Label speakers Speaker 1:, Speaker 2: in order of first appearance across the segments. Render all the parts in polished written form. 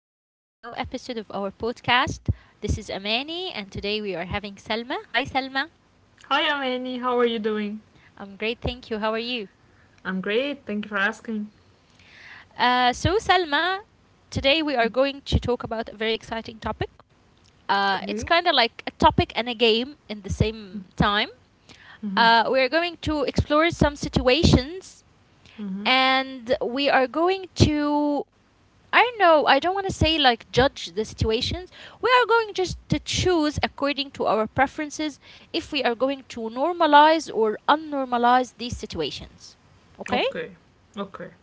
Speaker 1: back to a new episode of our podcast. This is Amani, and today we are having Salma. Hi, Salma.
Speaker 2: Hi, Amani. How are you doing?
Speaker 1: I'm great, thank you. How are you?
Speaker 2: I'm great. Thank you for asking.
Speaker 1: So, Salma, today we are going to talk about a very exciting topic.
Speaker 2: Okay.
Speaker 1: It's kind of like a topic and a game in the same time.
Speaker 2: Mm-hmm.
Speaker 1: We are going to explore some situations
Speaker 2: Mm-hmm.
Speaker 1: and we are going to I don't know. I don't want to say like judge the situations. We are going just to choose according to our preferences if we are going to normalize or unnormalize these situations. Okay?
Speaker 2: Okay. Okay.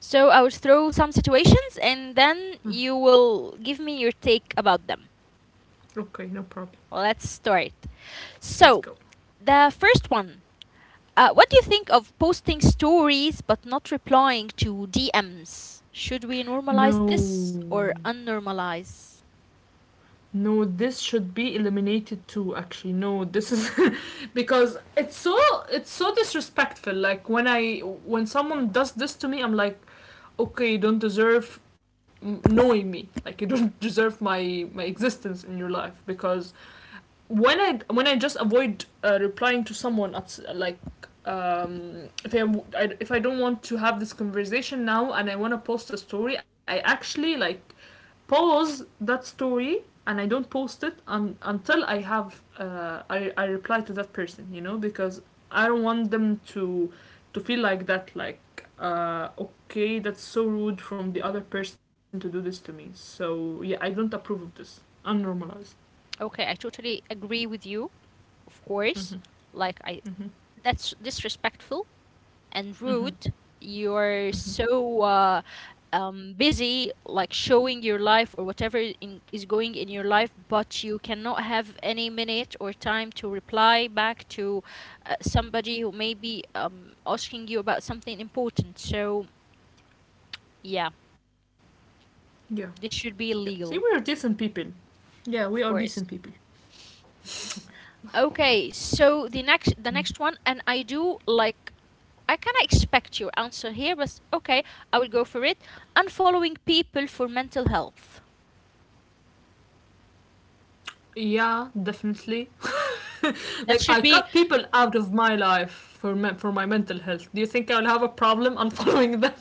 Speaker 1: So I will throw some situations and then
Speaker 2: Mm,
Speaker 1: you will give me your take about them.
Speaker 2: okay, no problem.
Speaker 1: Let's start.
Speaker 2: Let's
Speaker 1: So,
Speaker 2: go.
Speaker 1: the first one. What do you think of posting stories but not replying to DMs? Should we normalize this
Speaker 2: No.
Speaker 1: or unnormalize?
Speaker 2: No, this should be eliminated too actually. No, this is because it's so disrespectful. When someone does this to me, I'm like, okay, you don't deserve knowing me. Like you don't deserve my existence in your life because when I just avoid replying to someone at, like um, if I if I don't want to have this conversation now and I want to post a story, I actually like pause that story and I don't post it until I have I reply to that person, you know, because I don't want them to feel like that, like okay, that's so rude from the other person to do this to me. So yeah, I don't approve of this. Unnormalized.
Speaker 1: Okay, I totally agree with you, of course.
Speaker 2: Mm-hmm.
Speaker 1: Like I
Speaker 2: Mm-hmm.
Speaker 1: that's disrespectful and
Speaker 2: Mm-hmm.
Speaker 1: rude. You're
Speaker 2: Mm-hmm.
Speaker 1: so busy like showing your life or whatever is going in your life, but you cannot have any minute or time to reply back to somebody who may be asking you about something important. So, yeah,
Speaker 2: Yeah,
Speaker 1: this should be
Speaker 2: yeah. See,
Speaker 1: illegal,
Speaker 2: we are decent people. Yeah,
Speaker 1: of
Speaker 2: we are
Speaker 1: course.
Speaker 2: decent people.
Speaker 1: Okay, so the next
Speaker 2: Mm-hmm.
Speaker 1: one, and I do like I kind of expect your answer here, but okay, I will go for it. Unfollowing people for mental health.
Speaker 2: Yeah, definitely.
Speaker 1: That
Speaker 2: Like, I
Speaker 1: should be
Speaker 2: cut people out of my life for for my mental health. Do you think I'll have a problem unfollowing them?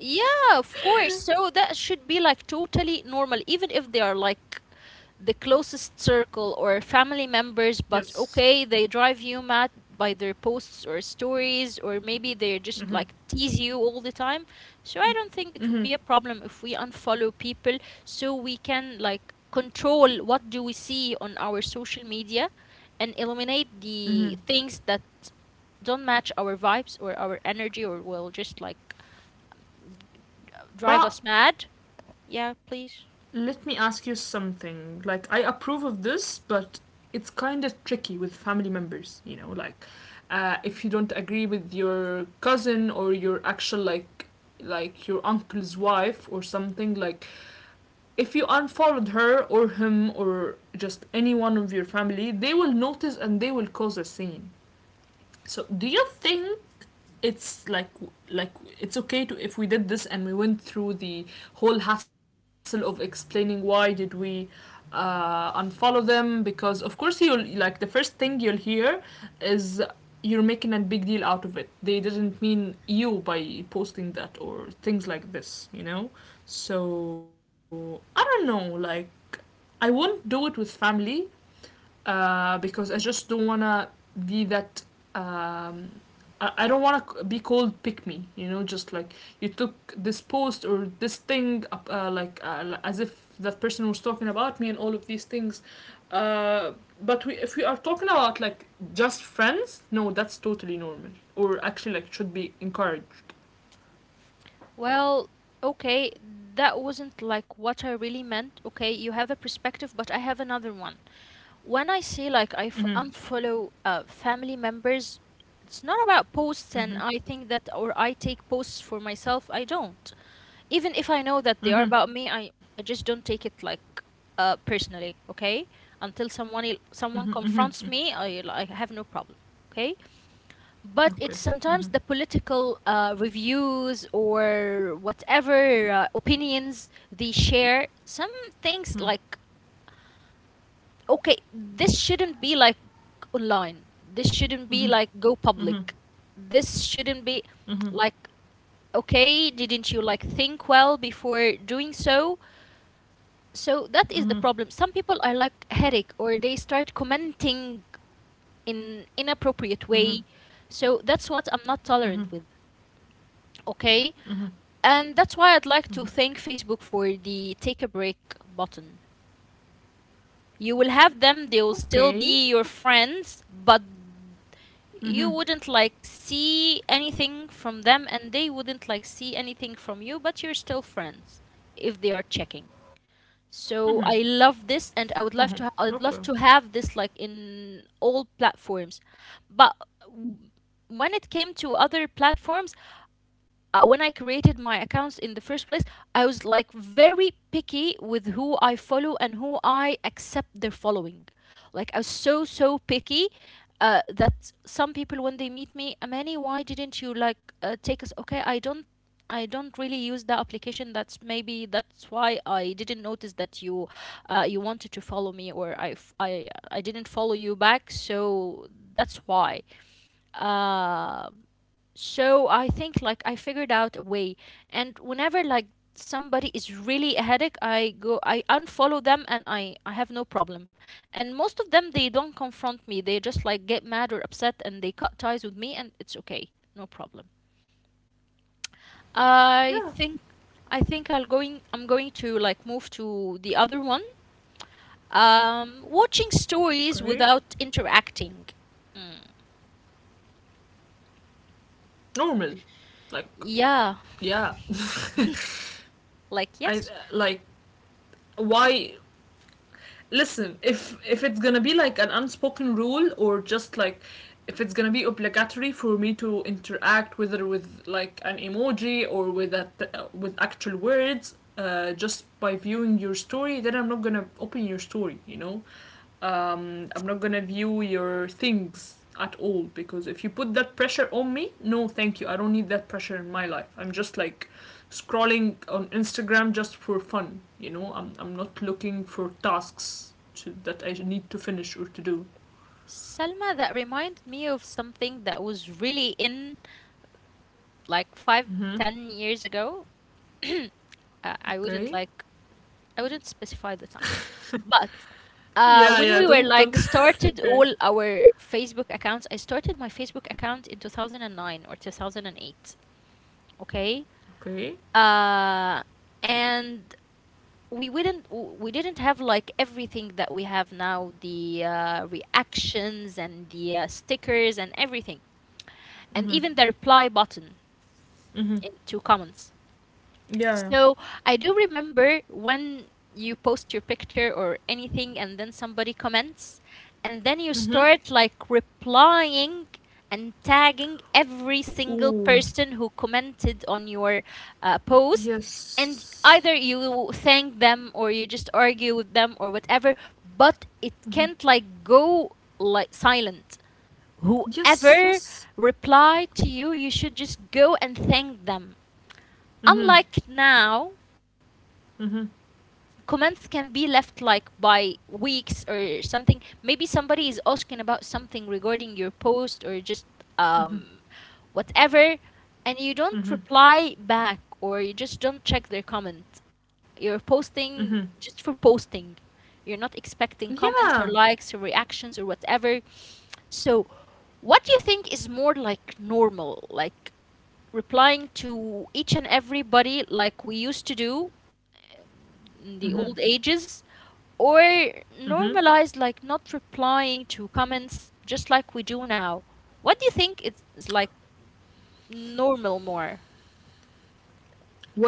Speaker 1: Yeah, of course. So that should be like totally normal, even if they are like the closest circle or family members, but
Speaker 2: Yes.
Speaker 1: okay, they drive you mad by their posts or stories, or maybe they just
Speaker 2: Mm-hmm.
Speaker 1: like tease you all the time. So I don't think it would
Speaker 2: Mm-hmm.
Speaker 1: be a problem if we unfollow people so we can like control what do we see on our social media and eliminate
Speaker 2: Mm-hmm.
Speaker 1: the things that don't match our vibes or our energy or will just like drive
Speaker 2: But
Speaker 1: us mad. Yeah, please.
Speaker 2: Let me ask you something. Like, I approve of this, but it's kind of tricky with family members, you know, like if you don't agree with your cousin or your actual, like your uncle's wife or something. Like if you unfollowed her or him or just anyone of your family, they will notice and they will cause a scene, so do you think it's like, like it's okay to, if we did this and we went through the whole hassle of explaining why did we unfollow them? Because of course, you'll like, the first thing you'll hear is you're making a big deal out of it, they didn't mean you by posting that, or things like this, you know. So I don't know, like I won't do it with family because I just don't wanna be that. Um, I don't wanna be called pick me. You know, just like you took this post or this thing up, as if that person was talking about me and all of these things. Uh, but if we are talking about like just friends, no, that's totally normal, or actually like should be encouraged.
Speaker 1: Well, okay, that wasn't like what I really meant. Okay, you have a perspective, but I have another one. When I say like
Speaker 2: Mm-hmm.
Speaker 1: unfollow family members, it's not about posts,
Speaker 2: Mm-hmm.
Speaker 1: and I think that, or I take posts for myself. I don't. Even if I know that they
Speaker 2: Mm-hmm.
Speaker 1: are about me, I just don't take it like personally. Okay, until
Speaker 2: Mm-hmm.
Speaker 1: someone
Speaker 2: Mm-hmm.
Speaker 1: confronts me, I have no problem. Okay. But
Speaker 2: Okay.
Speaker 1: it's
Speaker 2: Mm-hmm.
Speaker 1: sometimes the political reviews or whatever opinions they share. Some things like, okay, this shouldn't be like online. This shouldn't
Speaker 2: Mm-hmm.
Speaker 1: be like go
Speaker 2: hmm
Speaker 1: public. This shouldn't be
Speaker 2: hmm
Speaker 1: like, okay, didn't you like think well before doing so? So that is the problem. Some people are like headache or they start commenting in inappropriate
Speaker 2: hmm
Speaker 1: way. So that's what I'm not
Speaker 2: hmm
Speaker 1: tolerant with. Okay, and that's why I'd like to thank Facebook for the take a break button. You will have them, they will
Speaker 2: Okay.
Speaker 1: still be your friends, but you wouldn't like see anything from them and they wouldn't like see anything from you, but you're still friends if they are checking. So I love
Speaker 2: hmm
Speaker 1: this and I would love
Speaker 2: Okay.
Speaker 1: to I'd love to have this like in all platforms. But w- when it came to other platforms, when I created my accounts in the first place, I was like very picky with who I follow and who I accept their following. Like I was so picky that some people when they meet me, Amani, why didn't you like take us? Okay, I don't. I don't really use that application. That's maybe that's why I didn't notice that you, you wanted to follow me, or I didn't follow you back. So that's why. Um so I think like I figured out a way, and whenever like somebody is really a headache, I unfollow them and I have no problem. And most of them they don't confront me. They just like get mad or upset and they cut ties with me and it's okay. No problem. I think
Speaker 2: Yeah.
Speaker 1: I'm going to like move to the other one. Watching
Speaker 2: Okay.
Speaker 1: stories without interacting. Mm,
Speaker 2: Normal. Like
Speaker 1: yeah.
Speaker 2: yeah.
Speaker 1: Like
Speaker 2: I
Speaker 1: yes,
Speaker 2: like, why, listen, if it's going to be like an unspoken rule, or just like if it's going to be obligatory for me to interact, whether with like an emoji or with actual words, just by viewing your story, then I'm not gonna open your story, you know? I'm not gonna view your things at all, because if you put that pressure on me, no, thank you. I don't need that pressure in my life. I'm just like scrolling on Instagram just for fun. You know, I'm not looking for tasks to, that I need to finish or to do.
Speaker 1: Salma, that reminded me of something that was really in like five,
Speaker 2: Mm-hmm.
Speaker 1: 10 years ago. Uh, I wouldn't
Speaker 2: Okay.
Speaker 1: like, I wouldn't specify the time. But
Speaker 2: Yeah,
Speaker 1: when
Speaker 2: yeah.
Speaker 1: we were
Speaker 2: Don't.
Speaker 1: like started
Speaker 2: Okay.
Speaker 1: all our Facebook accounts, I started my Facebook account in 2009 or 2008. Okay.
Speaker 2: Okay.
Speaker 1: Uh, and we wouldn't, we didn't have like everything that we have now, the reactions and the stickers and everything, and even the reply
Speaker 2: Mm-hmm.
Speaker 1: button into
Speaker 2: Mm-hmm.
Speaker 1: comments. So I do
Speaker 2: Yeah.
Speaker 1: remember when you post your picture or anything and then somebody comments and then you start like
Speaker 2: Mm-hmm.
Speaker 1: replying and tagging every single person who
Speaker 2: Ooh.
Speaker 1: commented on your post and either you
Speaker 2: Yes.
Speaker 1: thank them or you just argue with them or whatever, but it can't
Speaker 2: Mm-hmm.
Speaker 1: like go like silent. Whoever
Speaker 2: Yes. Yes.
Speaker 1: reply to you, you should just go and thank them, unlike
Speaker 2: Mm-hmm.
Speaker 1: now.
Speaker 2: Mm-hmm.
Speaker 1: Comments can be left like by weeks or something. Maybe somebody is asking about something regarding your post or just um
Speaker 2: Mm-hmm.
Speaker 1: whatever, and you don't
Speaker 2: Mm-hmm.
Speaker 1: reply back or you just don't check their comment. You're posting
Speaker 2: Mm-hmm.
Speaker 1: just for posting, you're not expecting comments or
Speaker 2: Yeah.
Speaker 1: likes or reactions or whatever. So what do you think is more like normal, like replying to each and everybody like we used to do the
Speaker 2: Mm-hmm.
Speaker 1: old ages, or
Speaker 2: Mm-hmm.
Speaker 1: normalize like not replying to comments just like we do now? What do you think is like normal more?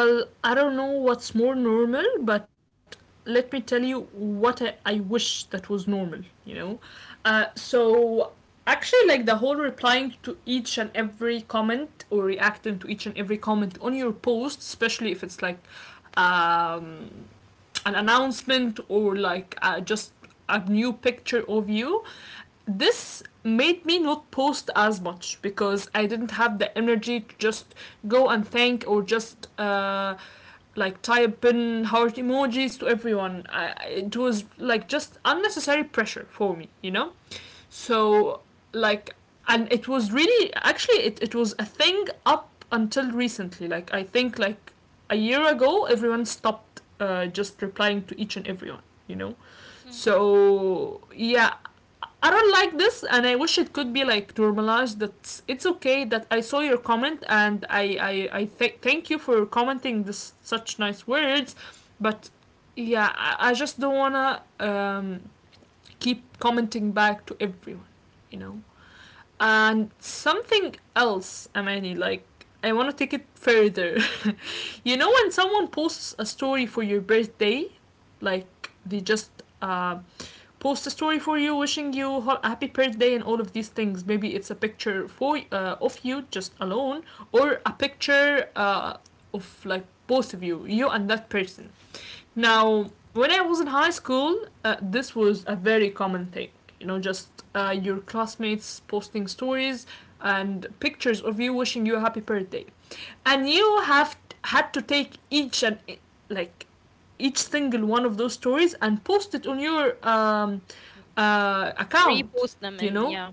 Speaker 2: Well, I don't know what's more normal, but let me tell you what I wish that was normal, you know? Uh, so, actually, like the whole replying to each and every comment or reacting to each and every comment on your post, especially if it's like um, an announcement or like just a new picture of you, this made me not post as much because I didn't have the energy to just go and thank, or just like type in heart emojis to everyone. It was like just unnecessary pressure for me, you know. So like, and it was really actually, it was a thing up until recently. Like I think like a year ago everyone stopped just replying to each and everyone, you know?
Speaker 1: Mm,
Speaker 2: So, yeah, I don't like this, and I wish it could be like normalized that it's okay that I saw your comment and I thank you for commenting this such nice words, but yeah, I just don't wanna keep commenting back to everyone, you know? And something else, Amani, like I want to take it further. You know when someone posts a story for your birthday, like they just uh, post a story for you, wishing you a happy birthday and all of these things. Maybe it's a picture for of you just alone, or a picture of like both of you, you and that person.
Speaker 1: mm,
Speaker 2: Now, when I was in high school, this was a very common thing. You know, just your classmates posting stories and pictures of you wishing you a happy birthday, and you had to take each and e- like each single one of those stories and post it on your
Speaker 1: mm.
Speaker 2: account.
Speaker 1: Repost them,
Speaker 2: You
Speaker 1: and
Speaker 2: know,
Speaker 1: yeah,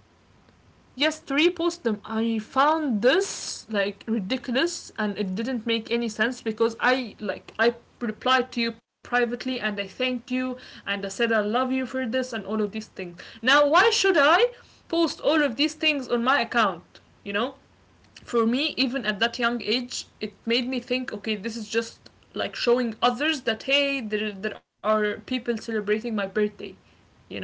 Speaker 2: yes, three post them. I found this like ridiculous, and it didn't make any sense because I replied to you privately and I thanked you and I said I love you for this and all of these things. Now why should I post all of these things on my account? You know? For me, even at that young age, it made me think, okay, this is just like showing others that, hey, there are people celebrating my birthday, you know,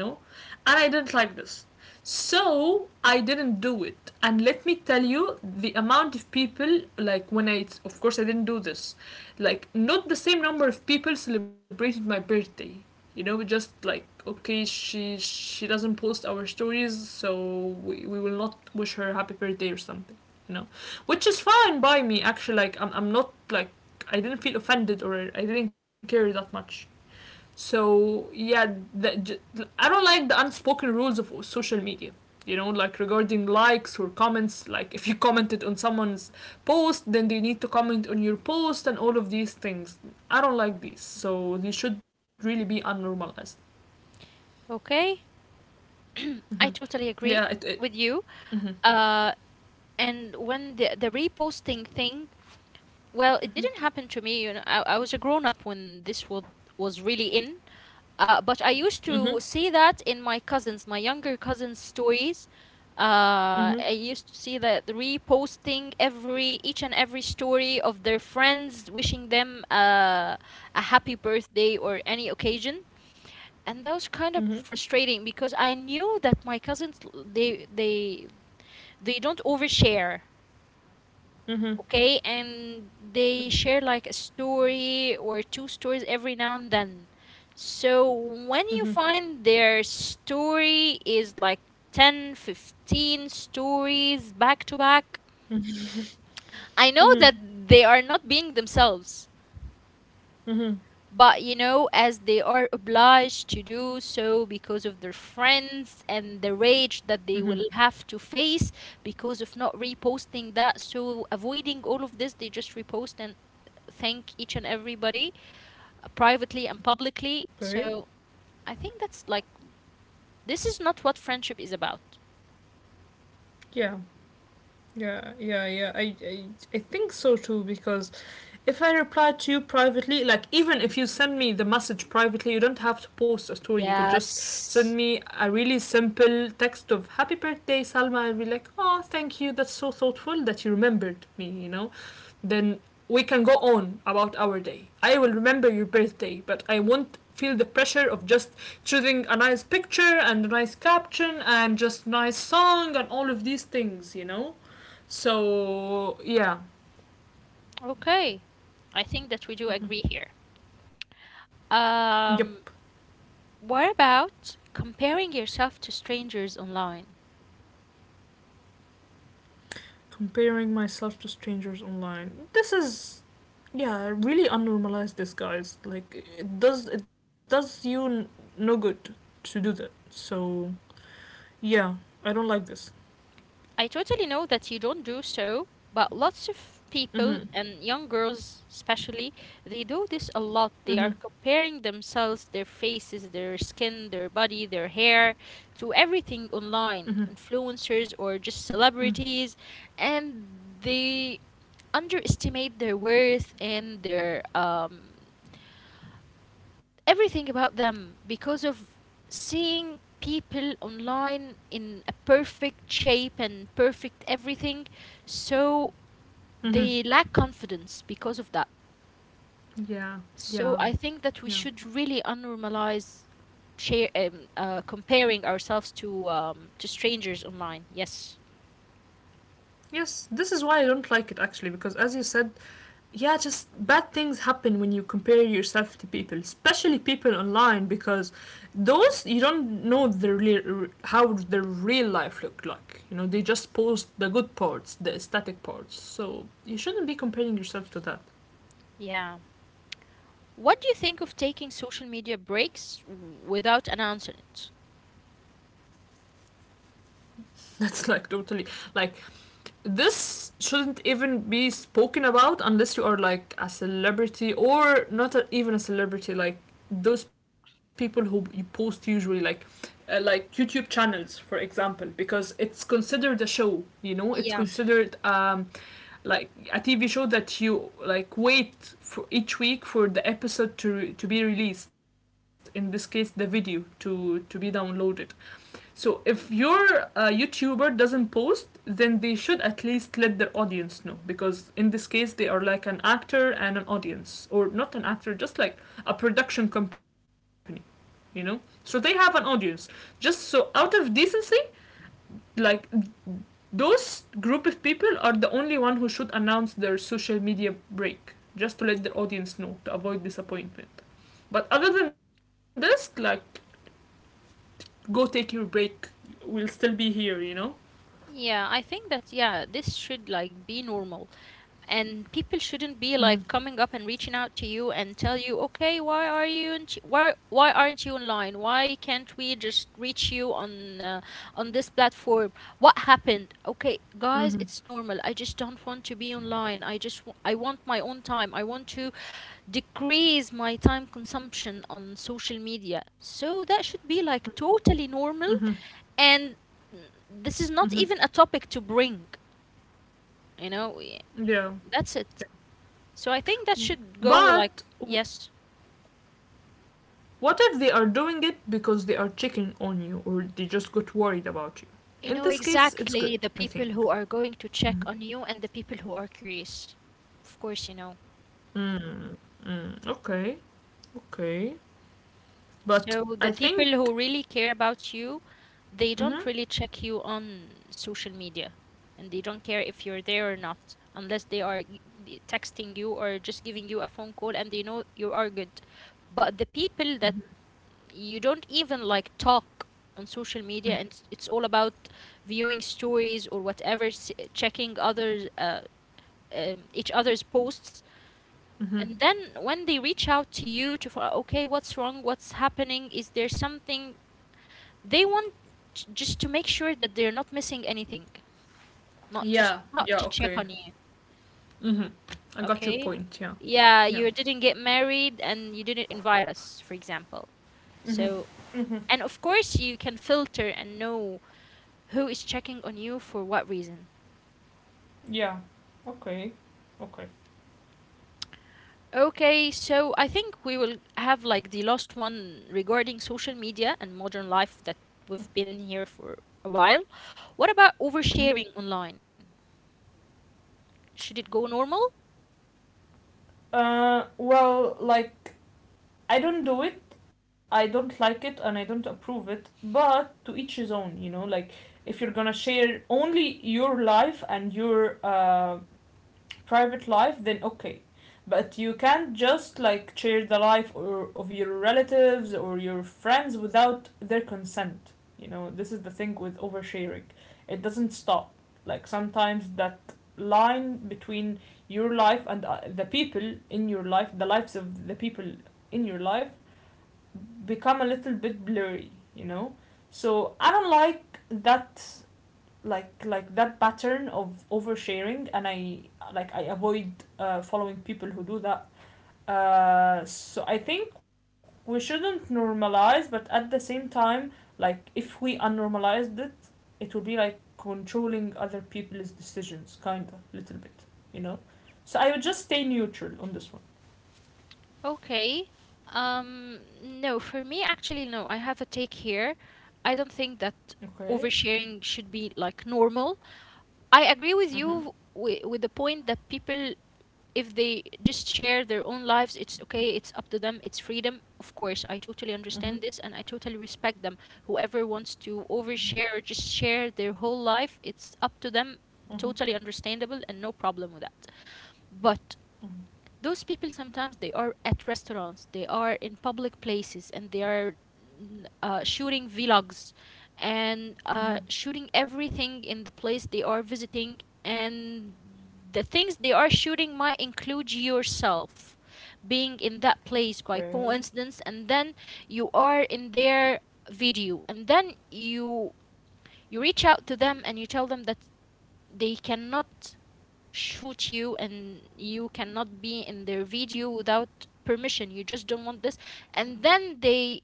Speaker 2: and I didn't like this, so I didn't do it. And let me tell you, the amount of people, like when I of course I didn't do this, like not the same number of people celebrated my birthday, you know, just like, okay, she doesn't post our stories, so we will not wish her happy birthday or something, you know. Which is fine by me actually, like I'm not like, I didn't feel offended or I didn't care that much. So yeah, the, I don't like the unspoken rules of social media, you know, like regarding likes or comments, like if you commented on someone's post, then they need to comment on your post and all of these things. I don't like these, so they should really be unnormalized.
Speaker 1: okay.
Speaker 2: Mm-hmm.
Speaker 1: I totally agree
Speaker 2: Yeah, it.
Speaker 1: with you.
Speaker 2: Mm-hmm.
Speaker 1: Uh and when The reposting thing, well, it didn't happen to me, you know. I was a grown up when this was really in. But I
Speaker 2: Mm-hmm.
Speaker 1: used to see that in my cousins, my younger cousins' stories.
Speaker 2: Mm-hmm.
Speaker 1: I used to see that reposting every each and every story of their friends wishing them a happy birthday or any occasion, and that was
Speaker 2: Mm-hmm.
Speaker 1: kind
Speaker 2: Mm-hmm.
Speaker 1: of frustrating because I knew that my cousins they don't overshare,
Speaker 2: Mm-hmm.
Speaker 1: okay, and they share like a story or two stories every now and then. So
Speaker 2: Mm-hmm.
Speaker 1: when you find their story is like 10, 15 stories back to back, I know
Speaker 2: Mm-hmm.
Speaker 1: that they are not being themselves.
Speaker 2: Mm-hmm.
Speaker 1: But you know, as they are obliged to do so because of their friends and the rage that they
Speaker 2: Mm-hmm.
Speaker 1: will have to face because of not reposting that. So, avoiding all of this, they just repost and thank each and everybody privately and
Speaker 2: Okay.
Speaker 1: publicly. So, I think that's like, this is not what friendship is about.
Speaker 2: Yeah, yeah, yeah, yeah. I think so too, because if I reply to you privately, like even if you send me the message privately, you don't have to post a story. You could just send
Speaker 1: Yes.
Speaker 2: me a really simple text of "Happy birthday, Salma," and be like, "Oh, thank you. That's so thoughtful that you remembered me." You know, then we can go on about our day. I will remember your birthday, but I won't feel the pressure of just choosing a nice picture and a nice caption and just nice song and all of these things. You know, so yeah,
Speaker 1: Okay. I think that we do agree here.
Speaker 2: yep.
Speaker 1: Um, what about comparing yourself to strangers online?
Speaker 2: Comparing myself to strangers online. This is, yeah, really unnormalize this, guys. Like it does, it does you no good to do that. So yeah, I don't like this.
Speaker 1: I totally know that you don't do so, but lots of people,
Speaker 2: Mhm.
Speaker 1: and young girls especially, they do this a lot. They are
Speaker 2: Mhm.
Speaker 1: comparing themselves, their faces, their skin, their body, their hair, to everything
Speaker 2: Mhm.
Speaker 1: online, influencers or just
Speaker 2: Mhm.
Speaker 1: celebrities, and they underestimate their worth and their everything about them because of seeing people online in a perfect shape and perfect everything. So
Speaker 2: Mhm.
Speaker 1: they lack confidence because of that.
Speaker 2: Yeah.
Speaker 1: So
Speaker 2: Yeah.
Speaker 1: I think that we
Speaker 2: Yeah.
Speaker 1: should really unnormalize share comparing ourselves to strangers online, yes.
Speaker 2: Yes, this is why I don't like it actually, because as you said, yeah, just bad things happen when you compare yourself to people, especially people online, because those, you don't know their real, how their real life look like. You know, they just post the good parts, the aesthetic parts. So you shouldn't be comparing yourself to that.
Speaker 1: Yeah, what do you think of taking social media breaks without announcing it?
Speaker 2: That's like totally like, this shouldn't even be spoken about unless you are like a celebrity, or not a, even a celebrity, like those people who you post usually like, like YouTube channels for example, because it's considered a show, you know, it's
Speaker 1: Yeah.
Speaker 2: considered like a TV show that you like wait for each week for the episode to be released. In this case, the video to be downloaded. So if your YouTuber doesn't post, then they should at least let their audience know, because in this case they are like an actor and an audience, or not an actor, just like a production company, you know. So they have an audience. Just so out of decency, like those group of people are the only one who should announce their social media break, just to let their audience know, to avoid disappointment. But other than this, like go take your break. We'll still be here, you know.
Speaker 1: Yeah, I think that yeah, this should like be normal. And people shouldn't be
Speaker 2: Mm-hmm.
Speaker 1: like coming up and reaching out to you and tell you, "Okay, why are you in why aren't you online? Why can't we just reach you on this platform? What happened?" Okay, guys,
Speaker 2: Mm-hmm.
Speaker 1: it's normal. I just don't want to be online. I want my own time. I want to decrease my time consumption on social media. So that should be like
Speaker 2: Mm-hmm.
Speaker 1: totally normal, and this
Speaker 2: Mm-hmm.
Speaker 1: is not even a topic to bring, you know,
Speaker 2: Yeah,
Speaker 1: that's it. So I think that
Speaker 2: yeah.
Speaker 1: should go like
Speaker 2: But w-
Speaker 1: yes.
Speaker 2: what if they are doing it because they are checking on you, or they just got worried about you?
Speaker 1: You
Speaker 2: In
Speaker 1: know
Speaker 2: this case, it's good,
Speaker 1: exactly the
Speaker 2: I
Speaker 1: people
Speaker 2: think.
Speaker 1: who are going to check
Speaker 2: Mhm.
Speaker 1: on you and the people who are curious. Of course, you know.
Speaker 2: Mm, mm, okay, okay.
Speaker 1: So
Speaker 2: But
Speaker 1: the
Speaker 2: I
Speaker 1: people who really
Speaker 2: think.
Speaker 1: care about you, they don't really
Speaker 2: Mm-hmm,
Speaker 1: check you on social media, and they don't care if you're there or not unless they are texting you or just giving you a phone call and they know you are good. But the people that
Speaker 2: mm-hmm.
Speaker 1: you don't even like talk on social media, and all about viewing stories or whatever checking others each other's posts,
Speaker 2: Mm-hmm.
Speaker 1: and then when they reach out to you to find, okay, what's wrong, what's happening, is there something they want, just to make sure that they're not missing anything, not to
Speaker 2: Yeah,
Speaker 1: not
Speaker 2: yeah,
Speaker 1: to check
Speaker 2: okay.
Speaker 1: on you.
Speaker 2: Mm-hmm. I got your
Speaker 1: Okay,
Speaker 2: point, yeah.
Speaker 1: yeah,
Speaker 2: Yeah.
Speaker 1: you didn't get married and you didn't invite us, for example.
Speaker 2: Mm-hmm,
Speaker 1: So,
Speaker 2: mm-hmm.
Speaker 1: and of course, you can filter and know who is checking on you for what reason.
Speaker 2: Yeah, okay, okay.
Speaker 1: Okay, so I think we will have like the last one regarding social media and modern life, that we've been here for a while. What about
Speaker 2: Mm-hmm.
Speaker 1: oversharing online? Should it go normal?
Speaker 2: Uh, well, like, I don't do it. I don't like it and I don't approve it. But to each his own, like if you're gonna share only your life and your private life, then okay. But you can't just like share the life or of your relatives or your friends without their consent. You know, this is the thing with oversharing. It doesn't stop. Like sometimes that line between your life and the people in your life, the lives of the people in your life become a little bit blurry. So I don't like that, like that pattern of oversharing, and I avoid following people who do that. So I think we shouldn't normalize, but at the same time, like if we unnormalized it, it would be like controlling other people's decisions kind of little bit, you know. So I would just stay neutral on this one.
Speaker 1: Okay. No, for me, actually, no. I have a take here. I don't think that
Speaker 2: Okay.
Speaker 1: oversharing should be like normal. I agree with
Speaker 2: Mm-hmm.
Speaker 1: you with the point that people, if they just share their own lives, it's okay, it's up to them, it's freedom. Of course, I totally
Speaker 2: Mm-hmm.
Speaker 1: understand this and I totally respect them. Whoever wants to overshare or just share their whole life, it's up to them,
Speaker 2: Mm-hmm.
Speaker 1: totally understandable, and no problem with that. But those people sometimes they are at restaurants, they are in public places, and they are shooting vlogs and
Speaker 2: Mm-hmm.
Speaker 1: shooting everything in the place they are visiting. And the things they are shooting might include yourself being in that place by
Speaker 2: Okay.
Speaker 1: coincidence, and then you are in their video, and then you reach out to them and you tell them that they cannot shoot you and you cannot be in their video without permission, you just don't want this. And then they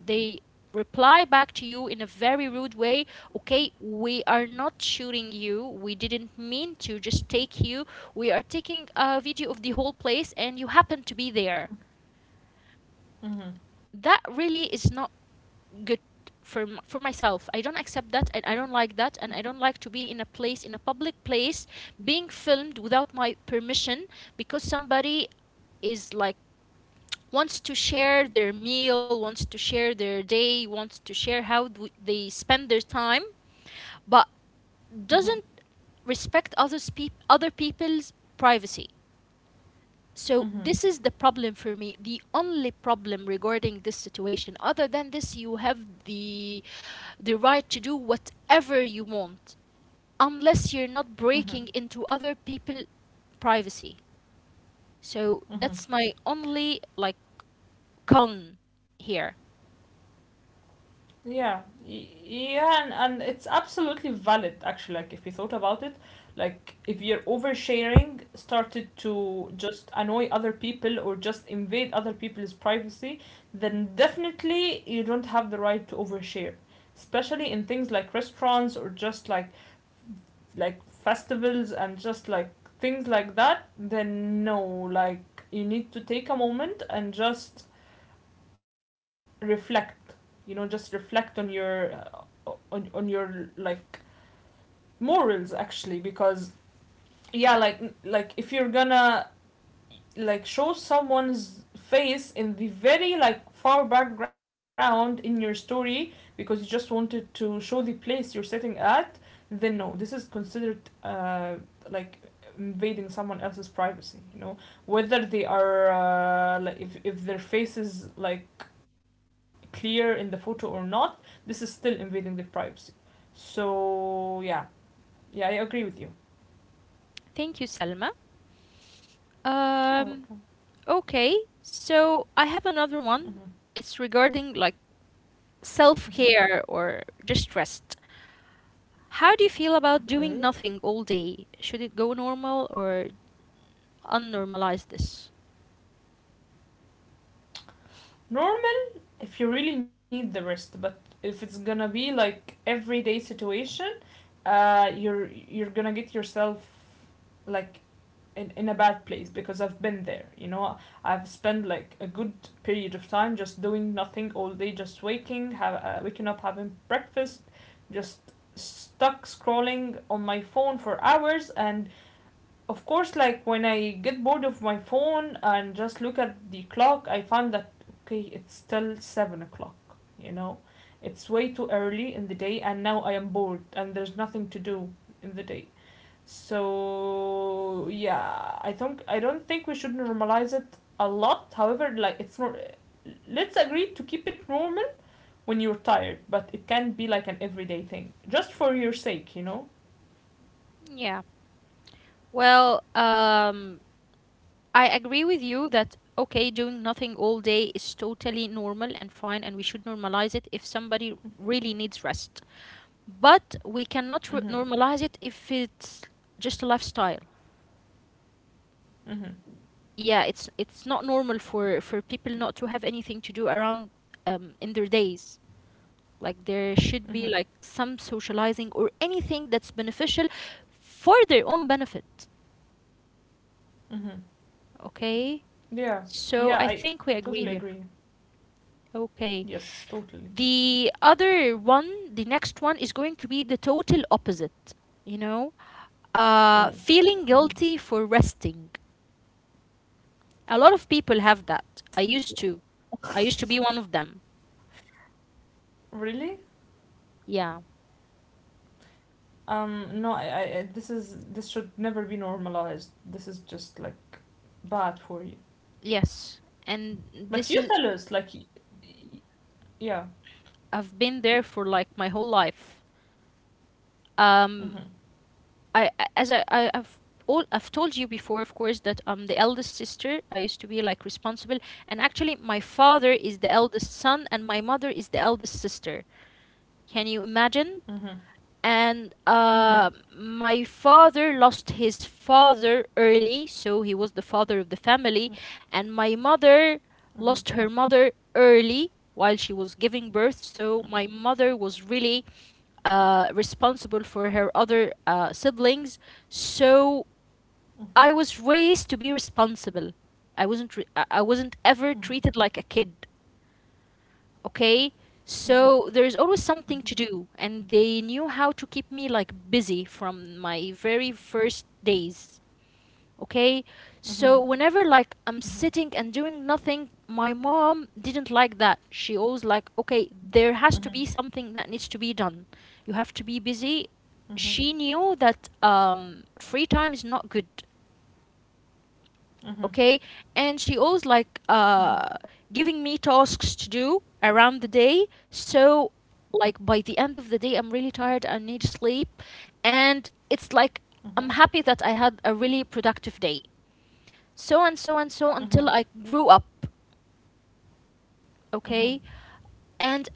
Speaker 1: they reply back to you in a very rude way: "Okay, we are not shooting you, we didn't mean to just take you, we are taking a video of the whole place and you happen to be there."
Speaker 2: Mhm.
Speaker 1: That really is not good for for myself. I don't accept that, and I don't like that, and I don't like to be in a place, in a public place, being filmed without my permission because somebody is like wants to share their meal, wants to share their day, wants to share how they spend their time, but
Speaker 2: Mhm.
Speaker 1: doesn't respect other people's privacy. So
Speaker 2: Mhm.
Speaker 1: this is the problem for me. The only problem regarding this situation, other than this, you have the right to do whatever you want unless you're not
Speaker 2: Mhm.
Speaker 1: breaking into other people's privacy. So
Speaker 2: Mhm.
Speaker 1: that's my only like con here.
Speaker 2: Yeah. Yeah, and it's absolutely valid actually. Like if you thought about it, like if your oversharing started to just annoy other people or just invade other people's privacy, then definitely you don't have the right to overshare. Especially in things like restaurants or just like festivals and just like things like that, then no, like you need to take a moment and just reflect. You know, just reflect on your on your like morals actually because yeah, like if you're gonna like show someone's face in the very like far background in your story because you just wanted to show the place you're sitting at, then no, this is considered uh like invading someone else's privacy, you know, whether they are like if their face is like clear in the photo or not, this is still invading their privacy. So yeah, yeah, I agree with you.
Speaker 1: Thank you, Selma.
Speaker 2: Oh,
Speaker 1: Um,
Speaker 2: okay.
Speaker 1: okay, so I have another one.
Speaker 2: Mm-hmm.
Speaker 1: It's regarding like
Speaker 2: Mm-hmm.
Speaker 1: self care or just rest. How do you feel about
Speaker 2: Okay.
Speaker 1: doing nothing all day? Should it go normal or unnormalize this?
Speaker 2: Norm if you really need the rest, but if it's gonna be like everyday situation, you're gonna get yourself like in a bad place because I've been there, you know. I've spent like a good period of time just doing nothing all day, just waking up, having breakfast, just stuck scrolling on my phone for hours. And of course, like when I get bored of my phone and just look at the clock, I find that okay, it's still 7 o'clock. You know, it's way too early in the day, and now I am bored, and there's nothing to do in the day. So yeah, I think I don't think we should normalize it a lot. However, like it's not. Let's agree to keep it normal when you're tired, but it can be like an everyday thing, just for your sake, you know.
Speaker 1: Yeah. Well, I agree with you that, okay, doing nothing all day is totally normal and fine, and we should normalize it if somebody really needs rest. But we cannot
Speaker 2: Mhm.
Speaker 1: normalize it if it's just a lifestyle.
Speaker 2: Mhm.
Speaker 1: Yeah, it's not normal for people not to have anything to do around in their days. Like there should be
Speaker 2: Mhm.
Speaker 1: like some socializing or anything that's beneficial for their own benefit.
Speaker 2: Mhm.
Speaker 1: Okay,
Speaker 2: Yeah,
Speaker 1: so
Speaker 2: yeah,
Speaker 1: I think we
Speaker 2: I
Speaker 1: agree
Speaker 2: totally
Speaker 1: here.
Speaker 2: agree.
Speaker 1: Okay.
Speaker 2: Yes, totally.
Speaker 1: The other one, the next one, is going to be the total opposite, you know?
Speaker 2: Oh,
Speaker 1: Feeling
Speaker 2: mhm.
Speaker 1: guilty for resting. A lot of people have that. I used to. I used to be one of them.
Speaker 2: Really?
Speaker 1: Yeah.
Speaker 2: No, this is this should never be normalized. This is just like bad for you.
Speaker 1: Yes. And
Speaker 2: But
Speaker 1: this
Speaker 2: you
Speaker 1: is,
Speaker 2: tell us, like, y- yeah.
Speaker 1: I've been there for like my whole life. Um,
Speaker 2: Mhm.
Speaker 1: I- as I, I've, all, I've told you before, of course, that I'm the eldest sister. I used to be like responsible. And actually, my father is the eldest son, and my mother is the eldest sister. Can you imagine?
Speaker 2: Mhm.
Speaker 1: And
Speaker 2: Mhm.
Speaker 1: my father lost his father early, so he was the father of the family. And my mother
Speaker 2: Mhm.
Speaker 1: lost her mother early while she was giving birth, so my mother was really responsible for her other siblings. So
Speaker 2: Mhm.
Speaker 1: I was raised to be responsible. I wasn't ever treated like a kid. Okay,
Speaker 2: Mhm.
Speaker 1: so there's always something to do and they knew how to keep me like busy from my very first days. Okay,
Speaker 2: Mhm. Mhm.
Speaker 1: so whenever like I'm
Speaker 2: Mhm.
Speaker 1: sitting and doing nothing, my mom didn't like that. She always like, okay, there has to be something that needs to be done, you have to be busy.
Speaker 2: Mhm. Mhm.
Speaker 1: She knew that free time is not good.
Speaker 2: Mhm. Mhm.
Speaker 1: Okay. And she always like
Speaker 2: Mhm.
Speaker 1: giving me tasks to do around the day. So like by the end of the day, I'm really tired, I need sleep, and it's like I'm happy that I had a really productive day. So and so and
Speaker 2: Mhm.
Speaker 1: so until I grew up.
Speaker 2: Mhm.
Speaker 1: Okay. And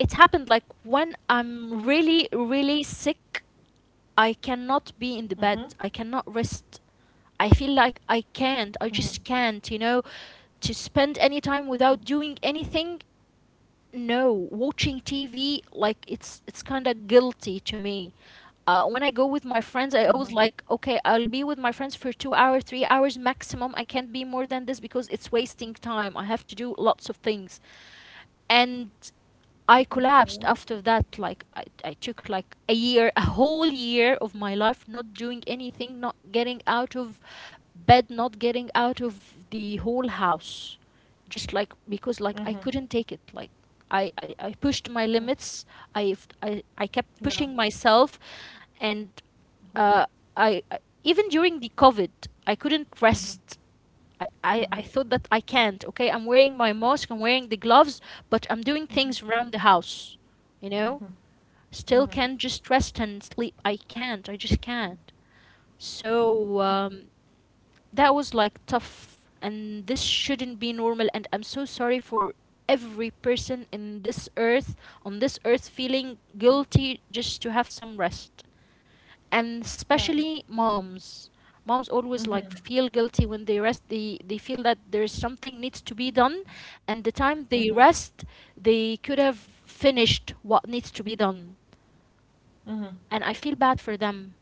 Speaker 1: it happened like when I'm really really sick, I cannot be in
Speaker 2: Mhm.
Speaker 1: the bed, I cannot rest. I feel like I
Speaker 2: Mhm.
Speaker 1: can't. I just can't, you know, to spend any time without doing anything. No, watching TV, like it's kind of guilty to me. When I go with my
Speaker 2: Mhm.
Speaker 1: friends, I always like, okay, I'll be with my friends for 2 hours, 3 hours maximum. I can't be more than this because it's wasting time. I have to do lots of things, and I
Speaker 2: Okay.
Speaker 1: collapsed after that. Like I took like a year, a whole year of my life not doing anything, not getting out of bed, not getting out of the whole house. Just like
Speaker 2: Mhm.
Speaker 1: because like I couldn't take it. Like I
Speaker 2: Mm,
Speaker 1: pushed my limits. I, I kept
Speaker 2: yeah.
Speaker 1: pushing myself, and uh, I even during the COVID, I couldn't rest.
Speaker 2: Mhm.
Speaker 1: I thought
Speaker 2: Mhm.
Speaker 1: that I can't, okay? I'm wearing my mask, I'm wearing the gloves, but I'm doing things
Speaker 2: Mhm.
Speaker 1: around the house, you know?
Speaker 2: Mhm.
Speaker 1: Still can't
Speaker 2: Mhm.
Speaker 1: just rest and sleep. I can't, I just can't. So
Speaker 2: Mhm.
Speaker 1: that was like tough, and this shouldn't be normal. And I'm so sorry for every person in this earth, on this earth, feeling guilty just to have some rest, and
Speaker 2: Yeah.
Speaker 1: especially moms. Moms always like
Speaker 2: Mm-hmm.
Speaker 1: feel guilty when they rest. They feel that there's something needs to be done, and the time
Speaker 2: Mm-hmm.
Speaker 1: they rest they could have finished what needs to be done,
Speaker 2: Mm-hmm.
Speaker 1: and I feel bad for them.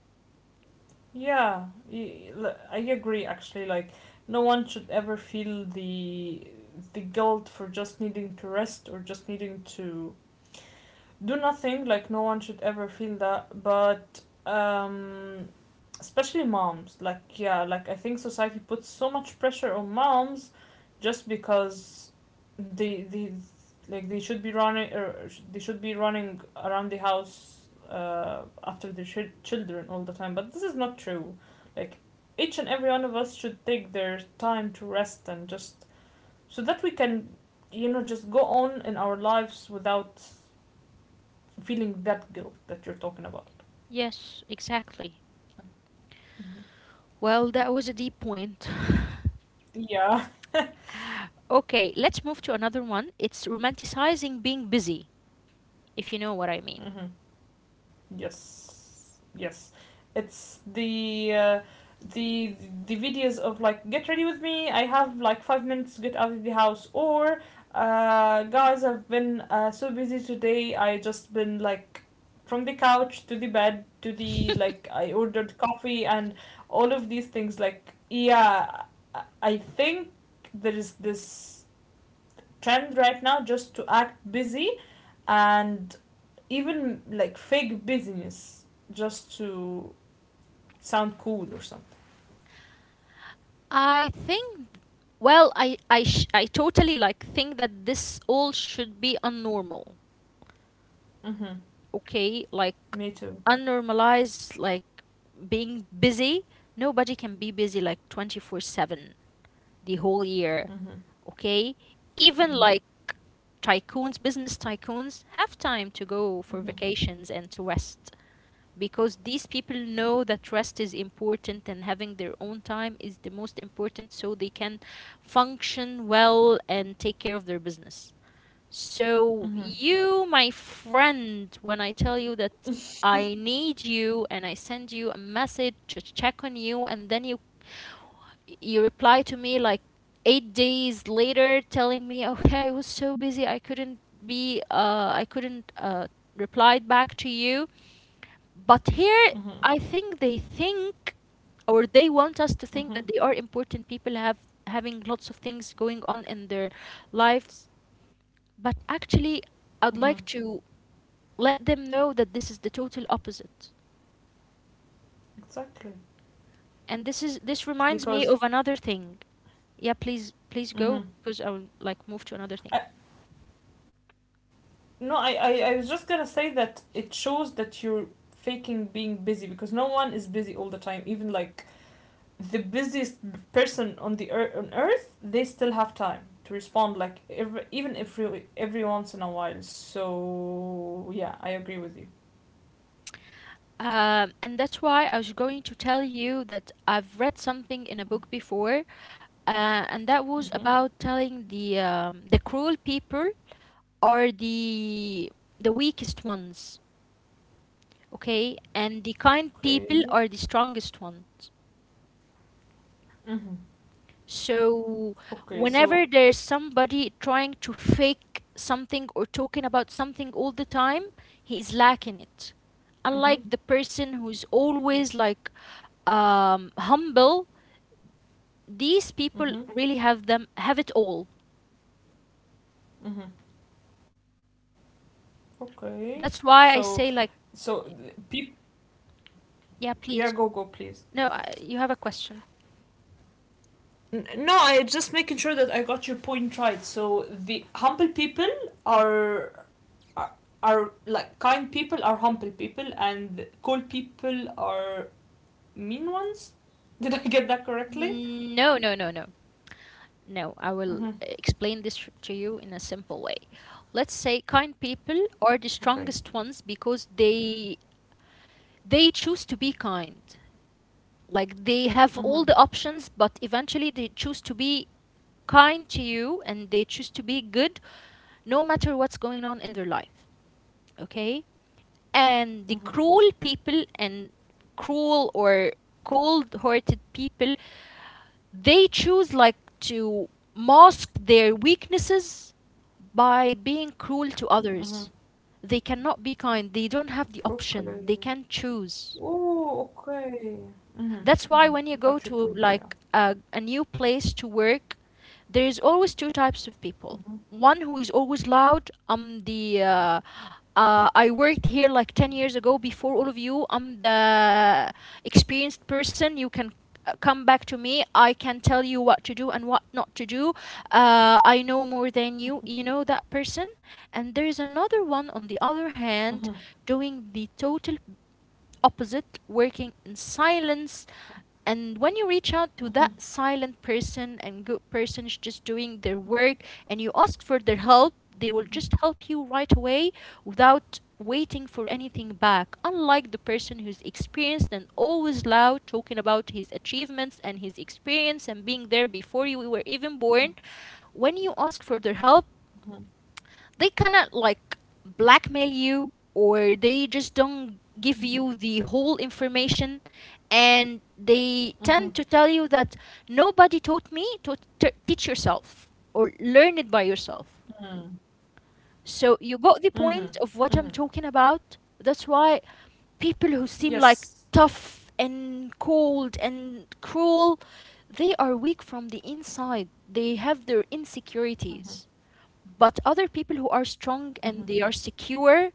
Speaker 2: Yeah, I agree actually. Like, no one should ever feel the guilt for just needing to rest or just needing to do nothing. Like no one should ever feel that, but especially moms, like yeah, like I think society puts so much pressure on moms just because they like they should be running or they should be running around the house after their children all the time, but this is not true. Like each and every one of us should take their time to rest and just so that we can, you know, just go on in our lives without feeling that guilt that you're talking about.
Speaker 1: Yes, exactly.
Speaker 2: Mm-hmm.
Speaker 1: Well, that was a deep point.
Speaker 2: Yeah.
Speaker 1: Okay, let's move to another one. It's romanticizing being busy, if you know what I mean.
Speaker 2: Hmm. Yes. Yes. It's the the the videos of like get ready with me. I have like 5 minutes to get out of the house. Or guys, I've been so busy today. I just been like from the couch to the bed to the like I ordered coffee and all of these things. Like yeah, I think there is this trend right now just to act busy and even like fake busyness just to sound cool or something.
Speaker 1: I think, well, I totally like think that this all should be unnormal.
Speaker 2: Mhm.
Speaker 1: Okay, like
Speaker 2: Me too.
Speaker 1: unnormalize like being busy. Nobody can be busy like 24/7 the whole year.
Speaker 2: Mhm.
Speaker 1: Okay? Even like
Speaker 2: Mhm.
Speaker 1: tycoons, business tycoons have time to go for
Speaker 2: Mhm.
Speaker 1: vacations and to rest because these people know that rest is important and having their own time is the most important so they can function well and take care of their business. So,
Speaker 2: Mhm.
Speaker 1: you, my friend, when I tell you that I need you and I send you a message to check on you, and then you reply to me like 8 days later telling me, "Okay, I was so busy, I couldn't be, I couldn't replied back to you." But here, I
Speaker 2: Mhm.
Speaker 1: think they think, or they want us to think that they are
Speaker 2: Mhm.
Speaker 1: important people have having lots of things going on in their lives, but actually, I'd
Speaker 2: Mhm.
Speaker 1: like to let them know that this is the total opposite.
Speaker 2: Exactly.
Speaker 1: And this is this reminds me of another
Speaker 2: Because
Speaker 1: thing. Yeah, please please go because I will
Speaker 2: mhm.
Speaker 1: like move to another thing.
Speaker 2: I, no, I was just gonna say that it shows that you're faking being busy because no one is busy all the time. Even like the busiest person on the earth on earth, they still have time to respond, like even every once in a while. So yeah, I agree with you.
Speaker 1: And that's why I was going to tell you that I've read something in a book before, and that was
Speaker 2: Mm-hmm.
Speaker 1: about telling the cruel people are the weakest ones, okay, and the kind people
Speaker 2: Okay.
Speaker 1: are the strongest ones.
Speaker 2: Mm-hmm.
Speaker 1: So,
Speaker 2: Okay.
Speaker 1: whenever
Speaker 2: So
Speaker 1: there's somebody trying to fake something or talking about something all the time, he is lacking it.
Speaker 2: mm-hmm.
Speaker 1: Unlike the person who's
Speaker 2: Okay.
Speaker 1: always like humble, these people
Speaker 2: Mm-hmm.
Speaker 1: really have them have it all.
Speaker 2: Mm-hmm. Okay. So
Speaker 1: That's why I say
Speaker 2: so
Speaker 1: like,
Speaker 2: people,
Speaker 1: yeah,
Speaker 2: yeah, go
Speaker 1: please.
Speaker 2: please.
Speaker 1: No, I, you have a question.
Speaker 2: No, I just making sure that I got your point right. So the humble people are are, are like kind people are humble people and cold people are mean ones. Did I get that correctly?
Speaker 1: No, no, no, no. No, I will
Speaker 2: Mm-hmm.
Speaker 1: explain this to you in a simple way. Let's say kind people
Speaker 2: Okay.
Speaker 1: are the strongest ones because they choose to be kind. Like they have
Speaker 2: Mm-hmm.
Speaker 1: all the options, but eventually they choose to be kind to you and they choose to be good no matter what's going on in their life. Okay?
Speaker 2: Mm-hmm.
Speaker 1: And the cruel people, and cruel or cold hearted people, they choose like to mask their weaknesses by being cruel to
Speaker 2: Mm-hmm.
Speaker 1: others. They cannot be kind. They don't have the
Speaker 2: Okay.
Speaker 1: option. They can't choose.
Speaker 2: Oh, okay. Mm-hmm.
Speaker 1: That's why
Speaker 2: Mm-hmm.
Speaker 1: when you
Speaker 2: I
Speaker 1: go
Speaker 2: got your
Speaker 1: to
Speaker 2: point, yeah.
Speaker 1: like a new place to work, there is always two types of people.
Speaker 2: Mm-hmm.
Speaker 1: One who is always loud. I'm the I worked here like 10 years ago before all of you. I'm the experienced person. You can come back to me. I can tell you what to do and what not to do. I know more than you. You know that person. And there is another one on the
Speaker 2: Mm-hmm.
Speaker 1: other hand doing the total opposite, working in silence. And when you reach out to
Speaker 2: Mm-hmm.
Speaker 1: that silent person and good person is just doing their work and you ask for their help, they will
Speaker 2: Mm-hmm.
Speaker 1: just help you right away without waiting for anything back, unlike the person who's experienced and always loud, talking about his achievements and his experience and being there before you were even born. When you ask for their help,
Speaker 2: Mm-hmm. Mm-hmm.
Speaker 1: they kind of like blackmail you or they just don't give you the whole information, and they
Speaker 2: Mm-hmm.
Speaker 1: tend to tell you that nobody taught me to teach yourself or learn it by yourself.
Speaker 2: Mm-hmm.
Speaker 1: So you
Speaker 2: Mm-hmm.
Speaker 1: got the point
Speaker 2: Mm-hmm.
Speaker 1: of what I'm talking about. That's why people who seem
Speaker 2: Yes.
Speaker 1: like tough and cold and cruel, they are weak from the inside. They have their
Speaker 2: Mm-hmm.
Speaker 1: insecurities, but other people who are
Speaker 2: Mm-hmm.
Speaker 1: strong and they are secure,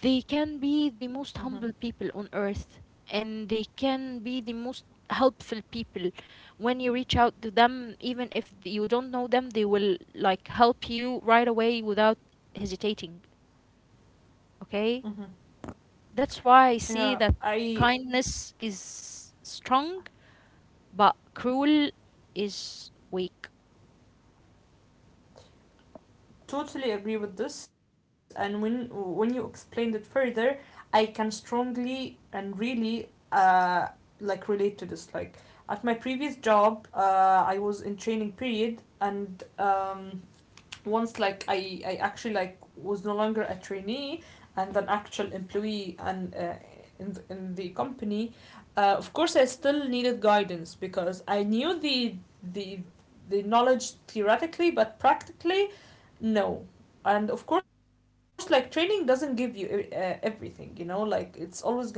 Speaker 1: they can be the
Speaker 2: Mm-hmm.
Speaker 1: most humble people on earth, and they can be the most helpful people. When you reach out to them, even if you don't know them, they will like help you right away without hesitating. Okay?
Speaker 2: Mm-hmm.
Speaker 1: That's why I see
Speaker 2: Yeah,
Speaker 1: that
Speaker 2: I
Speaker 1: kindness is strong, but cruel is weak.
Speaker 2: totally agree with this, and when you explained it further, I can strongly and really uh like relate to this. Like at my previous job, I was in training period, and once like I actually like was no longer a trainee and an actual employee and in, in the company, of course I still needed guidance because I knew the the knowledge theoretically, but practically no. And of course, like training doesn't give you everything, you know, like it's always gonna be like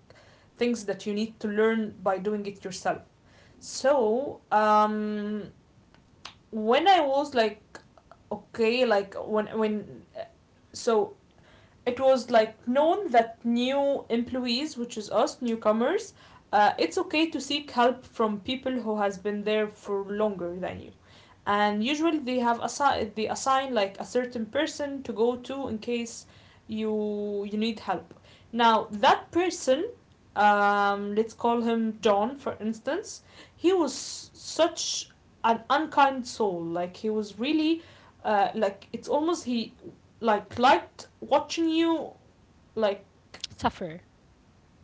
Speaker 2: things that you need to learn by doing it yourself. So when I was like okay like when so it was like known that new employees, which is us newcomers, it's okay to seek help from people who has been there for longer than you, and usually they have they assign like a certain person to go to in case you need help. Now that person, let's call him John for instance, he was such an unkind soul. Like he was really, like it's almost he like liked watching you like
Speaker 1: Suffer.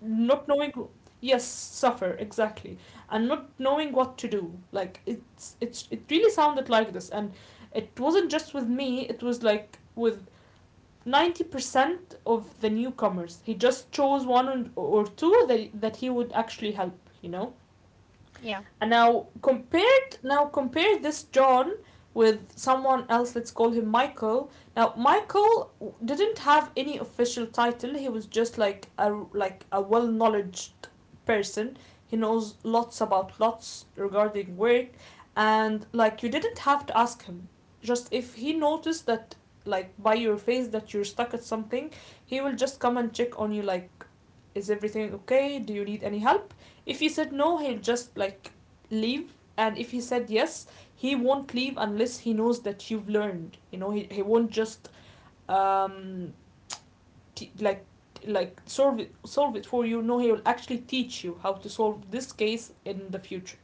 Speaker 2: not knowing, yes, suffer exactly, and not knowing what to do. Like it's it really sounded like this, and it wasn't just with me, it was like with 90% of the newcomers. He just chose one or two that he would actually help, you know.
Speaker 1: Yeah.
Speaker 2: And now compare this John with someone else, let's call him Michael. Now Michael didn't have any official title. He was just like a well knowledge person. He knows lots about lots regarding work, and like you didn't have to ask him. Just if he noticed that like by your face that you're stuck at something, he will just come and check on you like is everything okay? Do you need any help? If you said no, he'll just like leave? And if he said yes, he won't leave unless he knows that you've learned. You know, he won't just um, like solve it for you. No, he will actually teach you how to solve this case in the future.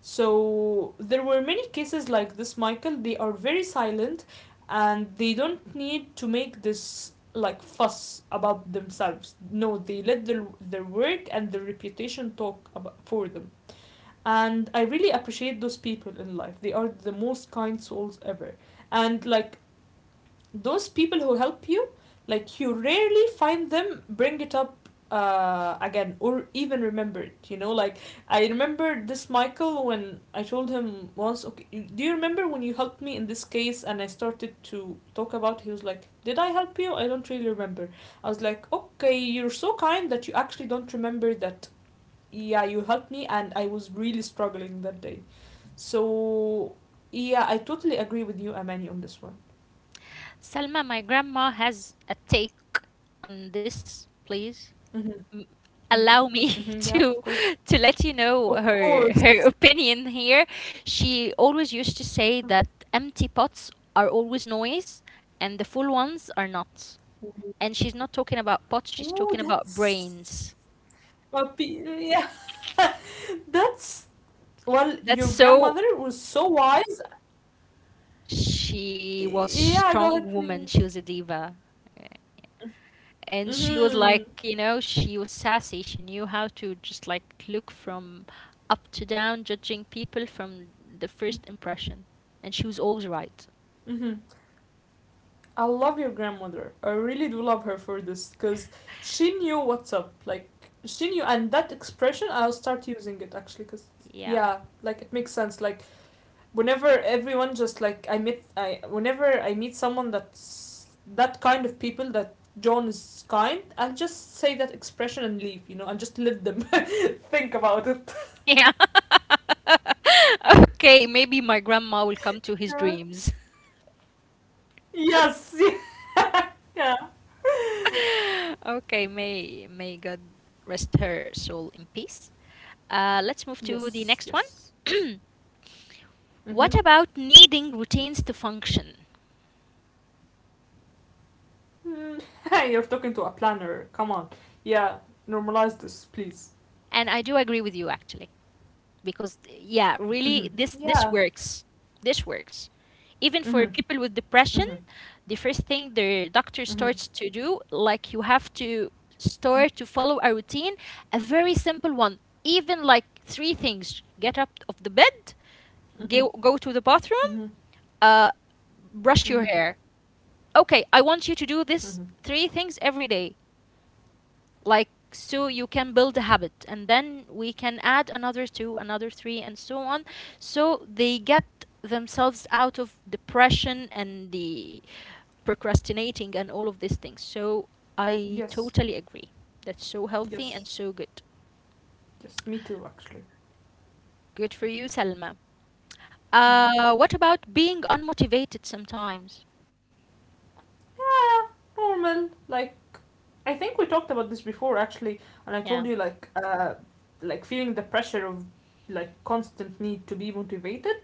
Speaker 2: So there were many cases like this, Michael. They are very silent, and they don't need to make this like fuss about themselves. No, they let their work and their reputation talk for them. And I really appreciate those people in life. They are the most kind souls ever. And like those people who help you, like you rarely find them bring it up again or even remember it, you know. Like I remember this Michael when I told him once okay, do you remember when you helped me in this case, and I started to talk about it? He was like did I help you, I don't really remember. I was like okay, you're so kind that you actually don't remember that. Yeah, you helped me, and I was really struggling that day. So yeah, I totally agree with you, Amani, on this one.
Speaker 1: Salma, my grandma has a take on this, please.
Speaker 2: Mm-hmm.
Speaker 1: M- Allow
Speaker 2: Mm-hmm.
Speaker 1: me
Speaker 2: Mm-hmm. Yeah, of
Speaker 1: to
Speaker 2: course,
Speaker 1: to let you know
Speaker 2: of
Speaker 1: her
Speaker 2: course.
Speaker 1: her opinion here. She always used to say that empty pots are always noise and the full ones are not. And she's not talking about pots, she's
Speaker 2: Ooh,
Speaker 1: talking about
Speaker 2: that's
Speaker 1: brains.
Speaker 2: well, yeah, that's well your
Speaker 1: That's so,
Speaker 2: grandmother was so wise.
Speaker 1: she was
Speaker 2: Yeah, go
Speaker 1: strong
Speaker 2: ahead
Speaker 1: woman,
Speaker 2: please.
Speaker 1: she was a diva. And she was
Speaker 2: Mm-hmm.
Speaker 1: like, you know, she was sassy. She knew how to just like look from up to down, judging people from the first impression. And she was always right.
Speaker 2: Mm-hmm. I love your grandmother. I really do love her for this because she knew what's up. Like she knew, and that expression I'll start using it actually because
Speaker 1: Yeah.
Speaker 2: yeah, like it makes sense. Like whenever everyone just like I whenever I meet someone that's that kind of people that John is kind, I'll just say that expression and leave. And just let them think about it.
Speaker 1: Yeah. Okay, maybe my grandma will come to his
Speaker 2: Yeah.
Speaker 1: dreams.
Speaker 2: Yes. Yeah.
Speaker 1: Okay, may God rest her soul in peace. Let's move to the
Speaker 2: Yes.
Speaker 1: next one.
Speaker 2: Yes. Mm-hmm.
Speaker 1: What about needing routines to function?
Speaker 2: Mm, Hey, you're talking to a planner. Come on. Yeah, normalize this, please.
Speaker 1: And I do agree with you, actually, because yeah, really
Speaker 2: Hmm.
Speaker 1: this
Speaker 2: Yeah.
Speaker 1: works, this works, even for
Speaker 2: Hmm.
Speaker 1: people with
Speaker 2: Hmm.
Speaker 1: depression. The first thing the doctor
Speaker 2: Hmm.
Speaker 1: starts to do, like, you have to start to follow a routine, a very simple one, even like three things: get up of the bed,
Speaker 2: Hmm.
Speaker 1: go to the
Speaker 2: Hmm.
Speaker 1: bathroom, uh
Speaker 2: Hmm.
Speaker 1: brush your hair. Okay, I want you to do
Speaker 2: Hmm.
Speaker 1: this three things every day, like, so you can build a habit, and then we can add another two, another three, and so on, so they get themselves out of depression and the procrastinating and all of these things. So I totally
Speaker 2: Yes.
Speaker 1: agree. That's so healthy and so
Speaker 2: Yes.
Speaker 1: good.
Speaker 2: Yes. Me too, actually.
Speaker 1: Good for you, Selma. What
Speaker 2: Hmm.
Speaker 1: about being unmotivated sometimes?
Speaker 2: Yeah, normal. Like I think we talked about this before actually, and I
Speaker 1: Yeah.
Speaker 2: told you like like feeling the pressure of like constant need to be motivated,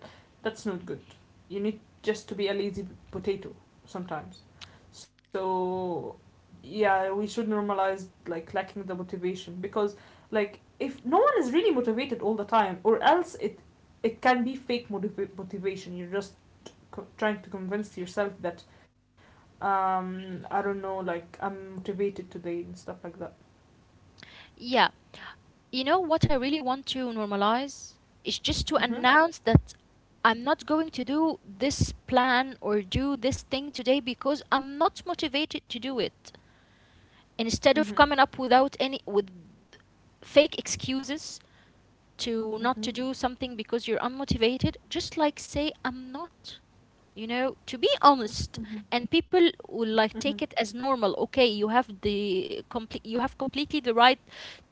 Speaker 2: that's not good. You need just to be a lazy potato sometimes. So yeah, we should normalize like lacking the motivation because like if no one is really motivated all the time or else it can be fake motivation. You're just trying to convince yourself that I don't know, like I'm motivated today and stuff like that.
Speaker 1: Yeah. You know what I really want to normalize is just to
Speaker 2: Mhm.
Speaker 1: announce that I'm not going to do this plan or do this thing today because I'm not motivated to do it, instead
Speaker 2: Mhm.
Speaker 1: of coming up without any with fake excuses to not to
Speaker 2: Mhm.
Speaker 1: do something because you're unmotivated. Just like, say I'm not, you know, to be honest,
Speaker 2: Mhm.
Speaker 1: and people will like
Speaker 2: Mhm.
Speaker 1: take it as normal. Okay, you have the complete, you have completely the right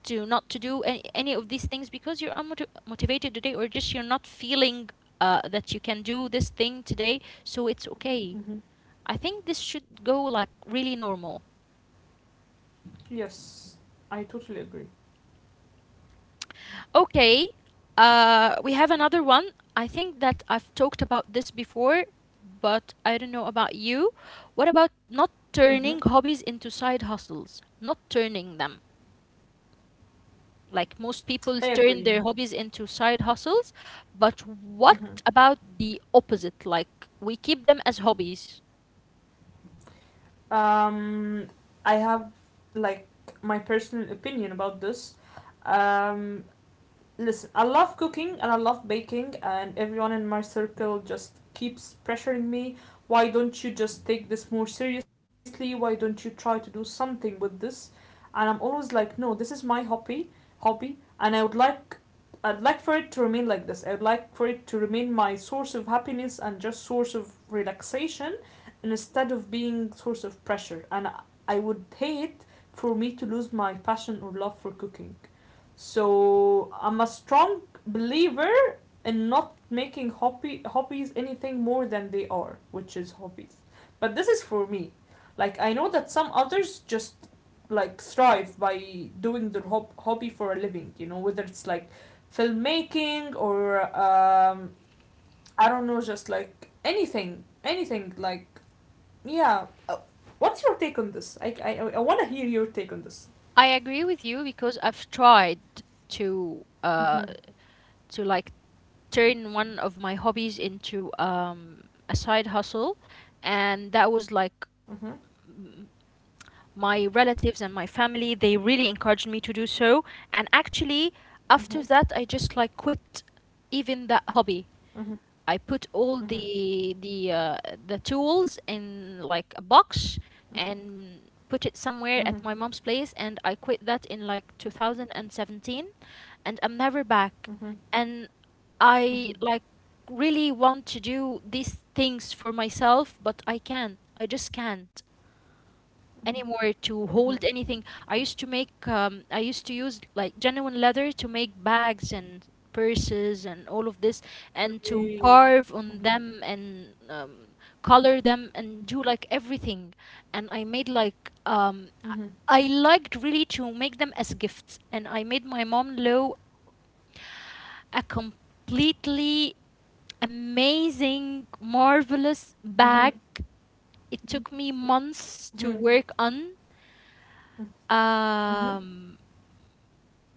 Speaker 1: to not to do any of these things because you're unmotivated motivated today, or just you're not feeling that you can do this thing today, so it's okay.
Speaker 2: Mhm.
Speaker 1: I think this should go like really normal.
Speaker 2: Yes, I totally agree.
Speaker 1: Okay, we have another one. I think that I've talked about this before, but I don't know about you. What about not
Speaker 2: Mhm.
Speaker 1: turning hobbies into side hustles? Not turning them. Like, most people
Speaker 2: I
Speaker 1: turn
Speaker 2: agree.
Speaker 1: their hobbies into side hustles, but what
Speaker 2: Mhm.
Speaker 1: about the opposite? Like, we keep them as hobbies.
Speaker 2: um I have like my personal opinion about this. um Listen, I love cooking and I love baking, and everyone in my circle just keeps pressuring me. Why don't you just take this more seriously? Why don't you try to do something with this? And I'm always like, no, this is my hobby, hobby, and I would like. I'd like for it to remain like this. I would like for it to remain my source of happiness and just source of relaxation instead of being source of pressure. And I- would hate for me to lose my passion or love for cooking. So I'm a strong believer in not making hobby hobbies anything more than they are, which is hobbies. But this is for me. Like I know that some others just like thrive by doing their hobby for a living. You know, whether it's like filmmaking or I don't know, just like anything, anything like yeah. What's your take on this? I want to hear your take on this.
Speaker 1: I agree with you because I've tried to uh
Speaker 2: Hmm.
Speaker 1: to like turn one of my hobbies into a side hustle, and that was
Speaker 2: Hmm.
Speaker 1: like, mm, my relatives and my family, they really encouraged me to do so, and actually,
Speaker 2: Hmm.
Speaker 1: after that, I just like quit even that hobby.
Speaker 2: Hmm.
Speaker 1: I put all
Speaker 2: Hmm.
Speaker 1: the the tools in like a box and put it
Speaker 2: Mhm.
Speaker 1: somewhere at my mom's place, and I quit that in like 2017, and I'm never back.
Speaker 2: Mhm.
Speaker 1: And
Speaker 2: Mhm.
Speaker 1: I like really want to do these things for myself, but I can't, I just can't
Speaker 2: Mhm.
Speaker 1: anymore to hold anything. I used to make, I used to use like genuine leather to make bags and purses and all of this, and to
Speaker 2: Correct.
Speaker 1: carve
Speaker 2: Mhm.
Speaker 1: on them and color them and do like everything. And I made like,
Speaker 2: Mhm.
Speaker 1: I liked really to make them as gifts. And I made my mom Lo a completely amazing, marvelous
Speaker 2: Mhm.
Speaker 1: bag. It took me
Speaker 2: Mhm.
Speaker 1: months to work on.
Speaker 2: Mhm. Mhm.
Speaker 1: um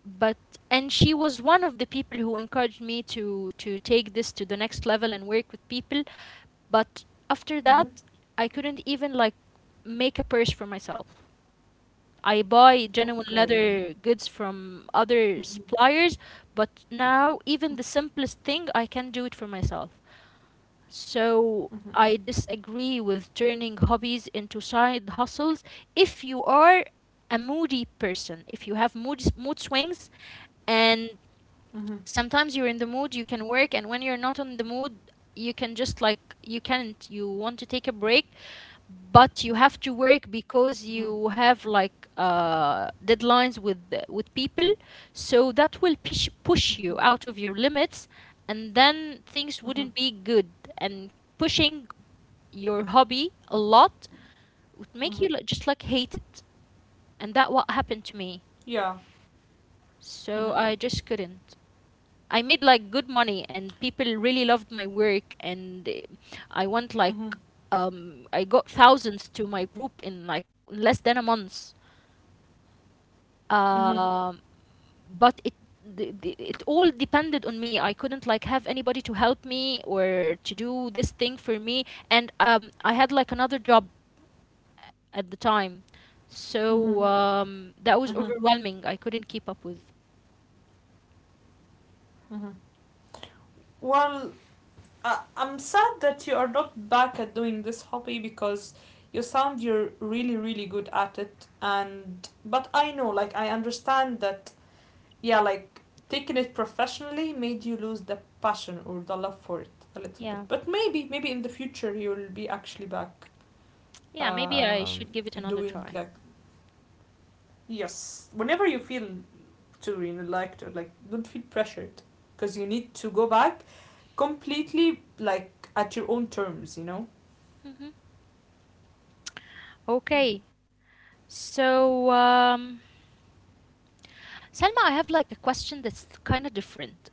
Speaker 1: but, and she was one of the people who encouraged me to take this to the next level and work with people, but after
Speaker 2: Mhm.
Speaker 1: that, I couldn't even like make a purse for myself. I buy genuine
Speaker 2: Okay.
Speaker 1: leather goods from other
Speaker 2: Mhm.
Speaker 1: suppliers, but now even the simplest thing I can do it for myself. So
Speaker 2: Mhm.
Speaker 1: I disagree with turning hobbies into side hustles. If you are a moody person, if you have mood swings, and
Speaker 2: Mhm.
Speaker 1: sometimes you're in the mood, you can work, and when you're not on the mood, you can just like, you can't. You want to take a break, but you have to work
Speaker 2: Mhm.
Speaker 1: because you have like deadlines with people, so that will push
Speaker 2: Mhm.
Speaker 1: you out of your limits, and then things
Speaker 2: Mhm.
Speaker 1: wouldn't be good. And pushing your hobby a lot would make
Speaker 2: Mhm.
Speaker 1: you just like hate it, and that what happened to me.
Speaker 2: Yeah. Mhm.
Speaker 1: So I just couldn't. I made like good money, and people really loved my work, and I went like,
Speaker 2: Mhm.
Speaker 1: I got thousands to my group in like less than a month.
Speaker 2: Mhm.
Speaker 1: Um but it, it all depended on me. I couldn't like have anybody to help me or to do this thing for me, and I had like another job at the time.
Speaker 2: Mhm.
Speaker 1: So
Speaker 2: Mhm.
Speaker 1: that was overwhelming. I couldn't keep up with.
Speaker 2: Mhm. Well, I'm sad that you are not back at doing this hobby because you sound you're really really good at it and but I know like I understand that yeah, like taking it professionally made you lose the passion or the love for it a little bit.
Speaker 1: Yeah.
Speaker 2: But maybe, maybe in the future you'll be actually back
Speaker 1: Yeah, maybe I should give it
Speaker 2: in
Speaker 1: another
Speaker 2: doing
Speaker 1: try.
Speaker 2: like yes, whenever you feel to really like to like don't feel pressured because you need to go back completely like at your own terms, you know.
Speaker 1: Mhm. Okay. So, Selma, I have like a question that's kind of different,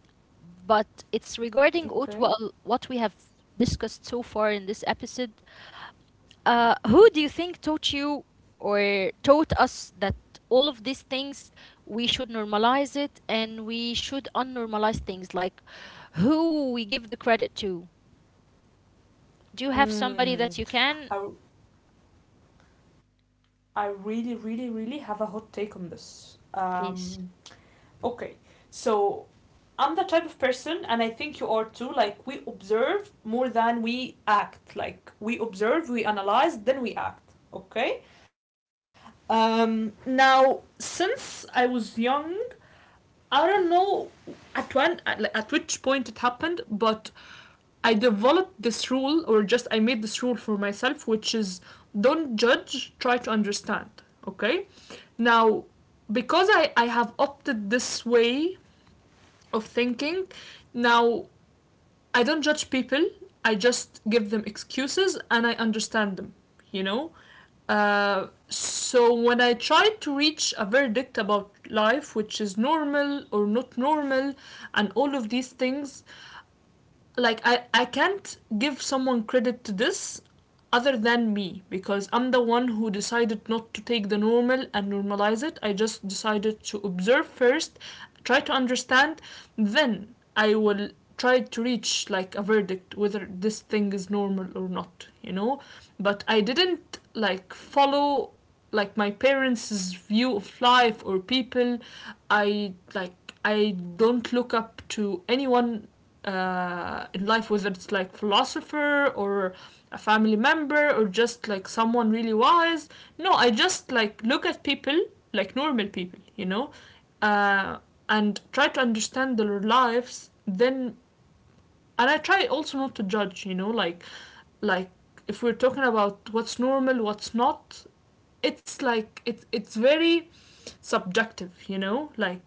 Speaker 1: but it's regarding what, well,
Speaker 2: Okay.
Speaker 1: what we have discussed so far in this episode. Who do you think taught you or taught us that all of these things we should normalize it and we should unnormalize things? Like, who we give the credit to? Do you have somebody that you can?
Speaker 2: Mm. I I really really really have a hot take on this.
Speaker 1: Please.
Speaker 2: Okay. So I'm the type of person, and I think you are too, like we observe more than we act. Like we observe, we analyze, then we act. Okay? Now, since I was young, I don't know at when at, like, at which point it happened, but I developed this rule, or just I made this rule for myself, which is don't judge, try to understand. Okay? Now, because I have opted this way of thinking, now I don't judge people. I just give them excuses and I understand them, you know? So when I try to reach a verdict about life, which is normal or not normal, and all of these things, like I can't give someone credit to this other than me because I'm the one who decided not to take the normal and normalize it. I just decided to observe first, try to understand, then I will try to reach like a verdict whether this thing is normal or not, you know? But I didn't like follow like my parents' view of life or people. I like I don't look up to anyone in life, whether it's like philosopher or a family member or just like someone really wise. No, I just like look at people like normal people, you know, uh, and try to understand their lives. Then, and I try also not to judge, you know, like if we're talking about what's normal, what's not. It's like it's very subjective, you know? Like,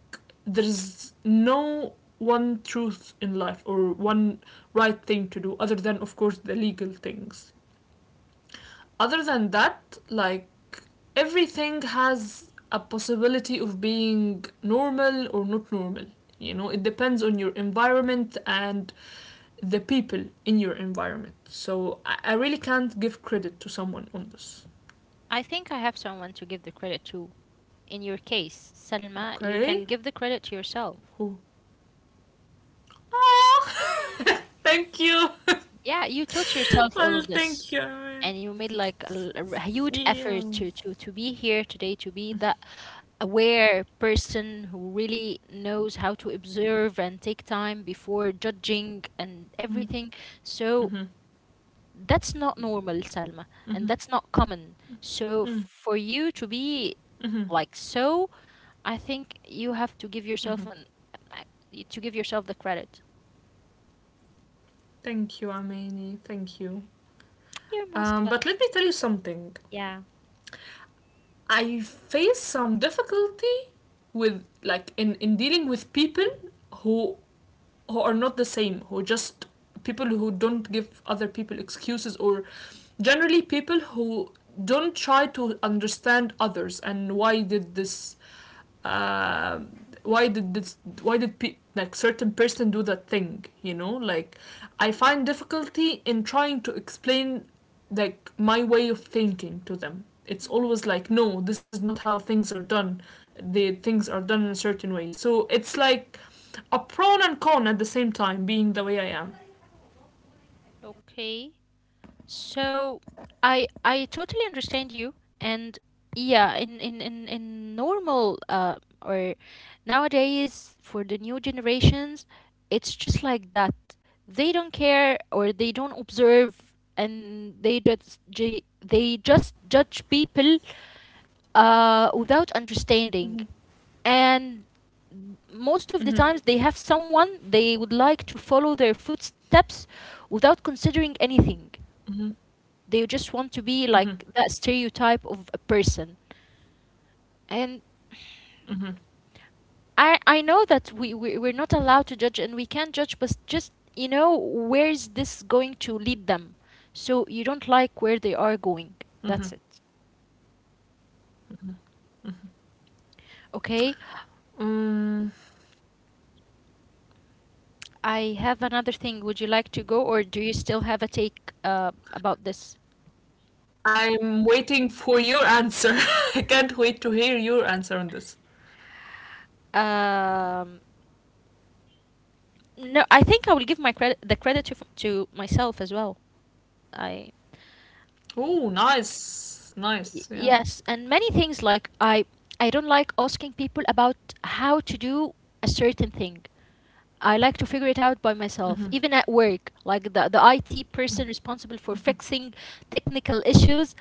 Speaker 2: there's no one truth in life or one right thing to do, other than, of course, the legal things. Other than that, like, everything has a possibility of being normal or not normal. You know, it depends on your environment and the people in your environment. So I really can't give credit to someone on this.
Speaker 1: I think I have someone to give the credit to. In your case, Salma, you can
Speaker 2: Okay?
Speaker 1: give the credit to yourself.
Speaker 2: Who? Ah! Thank you.
Speaker 1: Yeah, you taught yourself all
Speaker 2: Well,
Speaker 1: of this,
Speaker 2: thank you. I mean,
Speaker 1: and you made like a, huge
Speaker 2: yeah.
Speaker 1: effort to be here today, to be that aware person who really knows how to observe and take time before judging and
Speaker 2: Mm,
Speaker 1: everything. So
Speaker 2: mhm,
Speaker 1: that's not normal, Salma, and
Speaker 2: mhm,
Speaker 1: that's not common. So
Speaker 2: mm,
Speaker 1: for you to
Speaker 2: mhm,
Speaker 1: be like so, I think you have to give
Speaker 2: mhm.
Speaker 1: yourself an uh, to give yourself the credit.
Speaker 2: Thank you, Amini. Thank you.
Speaker 1: You're most
Speaker 2: But let
Speaker 1: welcome.
Speaker 2: me tell you something.
Speaker 1: Yeah.
Speaker 2: I face some difficulty with like in dealing with people who who are not the same, who just people who don't give other people excuses or generally people who don't try to understand others and why did this uh, why did this why did like certain person do that thing, you know, like I find difficulty in trying to explain like my way of thinking to them. It's
Speaker 1: Hmm.
Speaker 2: always like, no, this is not how things are done. The things are done in a certain way. So it's like a pro and con at the same time, being the way I am.
Speaker 1: Okay. So I totally understand you, and yeah, in normal or nowadays for the new generations, it's just like that. They don't care, or they don't observe, and they just they just judge people without understanding. And most of the times they have someone they would like to follow their footsteps without considering anything. They just want to be like that stereotype of a person. And I know that we we're not allowed to judge and we can't judge, but just, you know, where is this going to lead them? So you don't like where they are going. That's it. Okay.
Speaker 2: Um,
Speaker 1: I have another thing. Would you like to go, or do you still have a take about this?
Speaker 2: I'm waiting for your answer. I can't wait to hear your answer on this.
Speaker 1: Um, no, I think I will give my credit the credit to to myself as well. I,
Speaker 2: Oh, nice, nice,
Speaker 1: y-
Speaker 2: yeah.
Speaker 1: yes, and many things, like, I don't like asking people about how to do a certain thing. I like to figure it out by myself, even at work. Like the IT person responsible for fixing technical issues,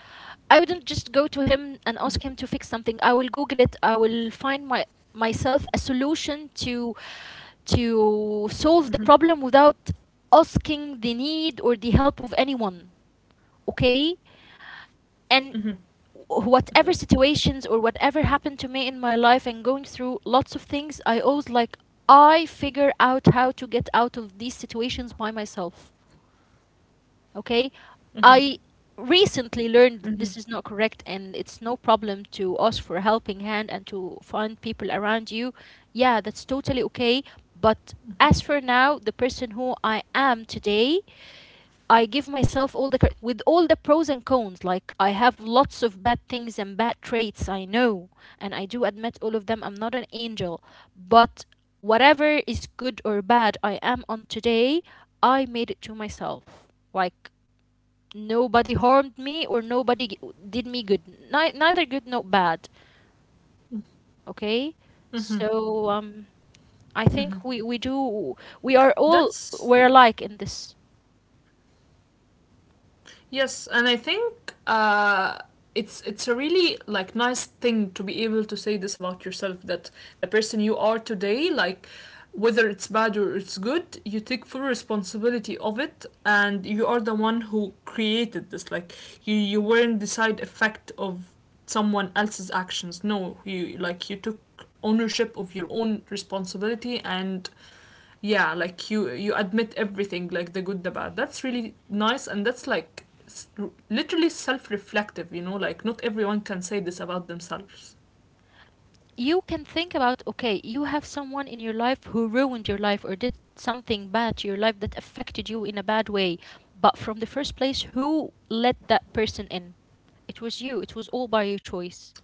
Speaker 1: I wouldn't just go to him and ask him to fix something. I will Google it. I will find my myself a solution to solve the problem without asking the need or the help of anyone. Okay? And
Speaker 2: Mm-hmm. Mm-hmm.
Speaker 1: whatever situations or whatever happened to me in my life and going through lots of things, I always like, I figure out how to get out of these situations by myself. Okay. I recently learned that this is not correct, and it's no problem to ask for a helping hand and to find people around you. Yeah, that's totally okay. But as for now, the person who I am today, I give myself all the credit with all the pros and cons. Like, I have lots of bad things and bad traits, I know, and I do admit all of them. I'm not an angel, but whatever is good or bad I am on today, I made it to myself. Like, nobody harmed me or nobody did me good. Neither good nor bad. Okay, so I think we do we are all, we're
Speaker 2: That's
Speaker 1: alike in this.
Speaker 2: Yes, and I think it's a really like nice thing to be able to say this about yourself that the person you are today, like whether it's bad or it's good, you take full responsibility of it, and you are the one who created this. Like you weren't the side effect of someone else's actions. No, you like you took ownership of your own responsibility and yeah like you admit everything like the good the bad that's really nice and that's like literally self-reflective, you know, like not everyone can say this about themselves.
Speaker 1: You can think about, okay, you have someone in your life who ruined your life or did something bad to your life that affected you in a bad way, but from the first place, who let that person in? It was you. It was all by your choice,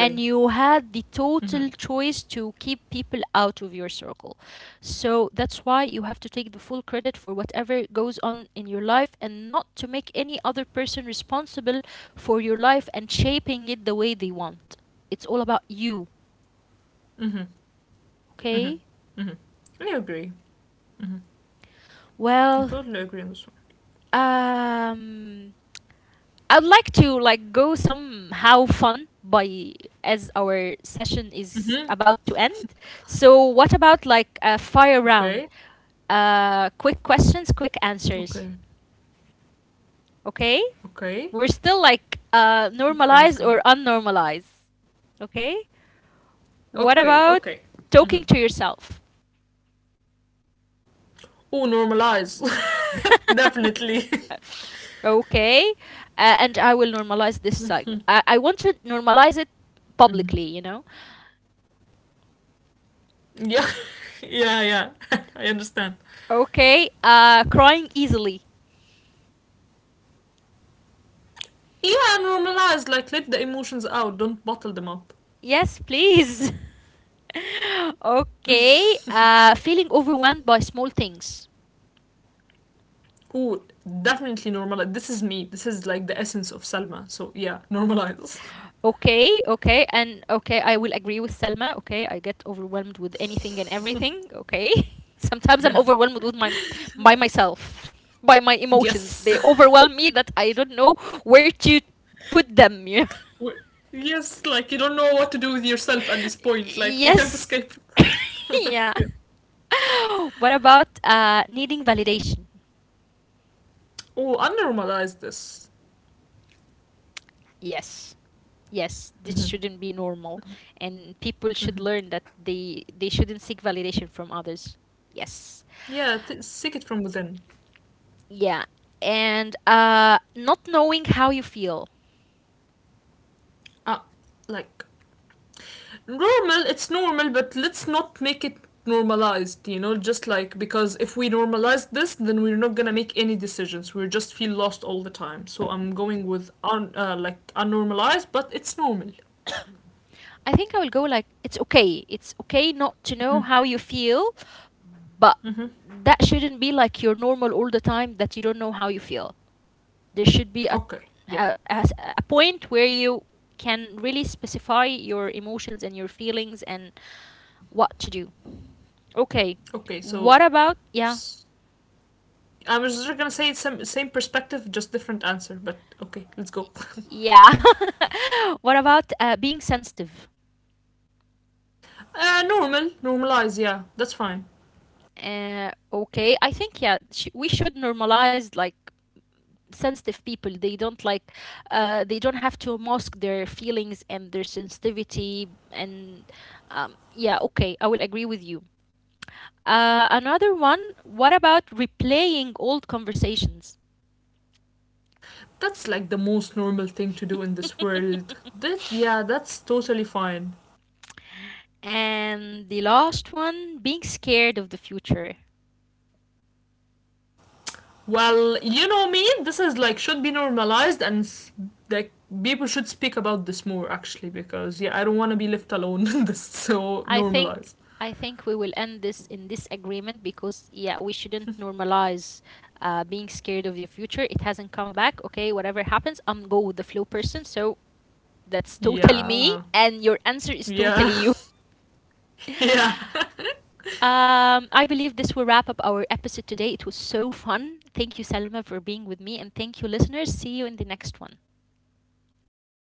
Speaker 1: and you had the total choice to keep people out of your circle. So that's why you have to take the full credit for whatever goes on in your life and not to make any other person responsible for your life and shaping it the way they want. It's all about you. Okay.
Speaker 2: I agree.
Speaker 1: Well,
Speaker 2: I totally agree on this one.
Speaker 1: um I'd like to like go somehow fun by as our session is about to end. So what about like a fire round?
Speaker 2: Okay.
Speaker 1: Quick questions, quick
Speaker 2: Okay,
Speaker 1: answers. Okay?
Speaker 2: okay,
Speaker 1: We're still like
Speaker 2: okay, let's
Speaker 1: normalized
Speaker 2: go.
Speaker 1: or unnormalized, okay?
Speaker 2: Okay.
Speaker 1: What
Speaker 2: Okay.
Speaker 1: about talking to yourself?
Speaker 2: Oh, normalize. Definitely.
Speaker 1: Okay, and I will normalize this psych I want to normalize it publicly, you know.
Speaker 2: Yeah. Yeah, yeah. I understand.
Speaker 1: Okay, crying easily.
Speaker 2: Yeah, normalize like let the emotions out, don't bottle them up.
Speaker 1: Yes, please. Okay, feeling overwhelmed by small things.
Speaker 2: Ooh, definitely normalize. This is me. This is like the essence of Salma. So yeah, normalize.
Speaker 1: Okay. Okay, and okay, I will agree with Selma. Okay, I get overwhelmed with anything and everything. Okay. Sometimes I'm
Speaker 2: Yeah.
Speaker 1: overwhelmed with my, by myself, by my emotions.
Speaker 2: Yes.
Speaker 1: They overwhelm me, that I don't know where to put them. You know?
Speaker 2: Yes, like you don't know what to do with yourself at this point. Like you can't
Speaker 1: Yes.
Speaker 2: escape.
Speaker 1: Yeah.
Speaker 2: Yeah.
Speaker 1: What about needing validation?
Speaker 2: Oh, unnormalize this.
Speaker 1: Yes. Yes, this shouldn't be normal, and people should
Speaker 2: Hmm.
Speaker 1: learn that they shouldn't seek validation from others. Yes.
Speaker 2: Yeah, seek it from within.
Speaker 1: Yeah. And not knowing how you feel.
Speaker 2: Ah, like normal, it's normal but let's not make it normalized, you know, just like because if we normalize this then we're not gonna make any decisions, we just feel lost all the time, so I'm going with like unnormalized but it's normal.
Speaker 1: I think I will go like, it's okay. It's okay not to know
Speaker 2: Hmm.
Speaker 1: how you feel, but
Speaker 2: Hmm.
Speaker 1: that shouldn't be like your normal all the time, that you don't know how you feel. There should be
Speaker 2: Okay. Yeah.
Speaker 1: a a a point where you can really specify your emotions and your feelings and what to do. Okay,
Speaker 2: Okay, so
Speaker 1: what about, yeah,
Speaker 2: s- I was just gonna say it's same, same perspective just different answer but okay let's go.
Speaker 1: yeah, what about being sensitive?
Speaker 2: Uh, normalize, yeah, that's fine.
Speaker 1: Okay, I think, yeah, we should normalize like sensitive people. They don't like, they don't have to mask their feelings and their sensitivity, and yeah, okay, I will agree with you. Another one, what about replaying old conversations?
Speaker 2: That's like the most normal thing to do in this world. That yeah, that's totally fine.
Speaker 1: And the last one, being scared of the future.
Speaker 2: Well, you know me. This is like should be normalized, and like people should speak about this more actually because yeah, I don't want to be left alone in this. So
Speaker 1: I think,
Speaker 2: normalize.
Speaker 1: I think we will end this in this agreement because yeah, we shouldn't normalize being scared of the future. It hasn't come back. Okay, whatever happens, I'm go with the flow person. So that's totally me,
Speaker 2: Yeah,
Speaker 1: and your answer is
Speaker 2: yeah,
Speaker 1: totally you.
Speaker 2: yeah.
Speaker 1: I believe this will wrap up our episode today. It was so fun. Thank you, Selma, for being with me, and thank you, listeners. See you in the next one.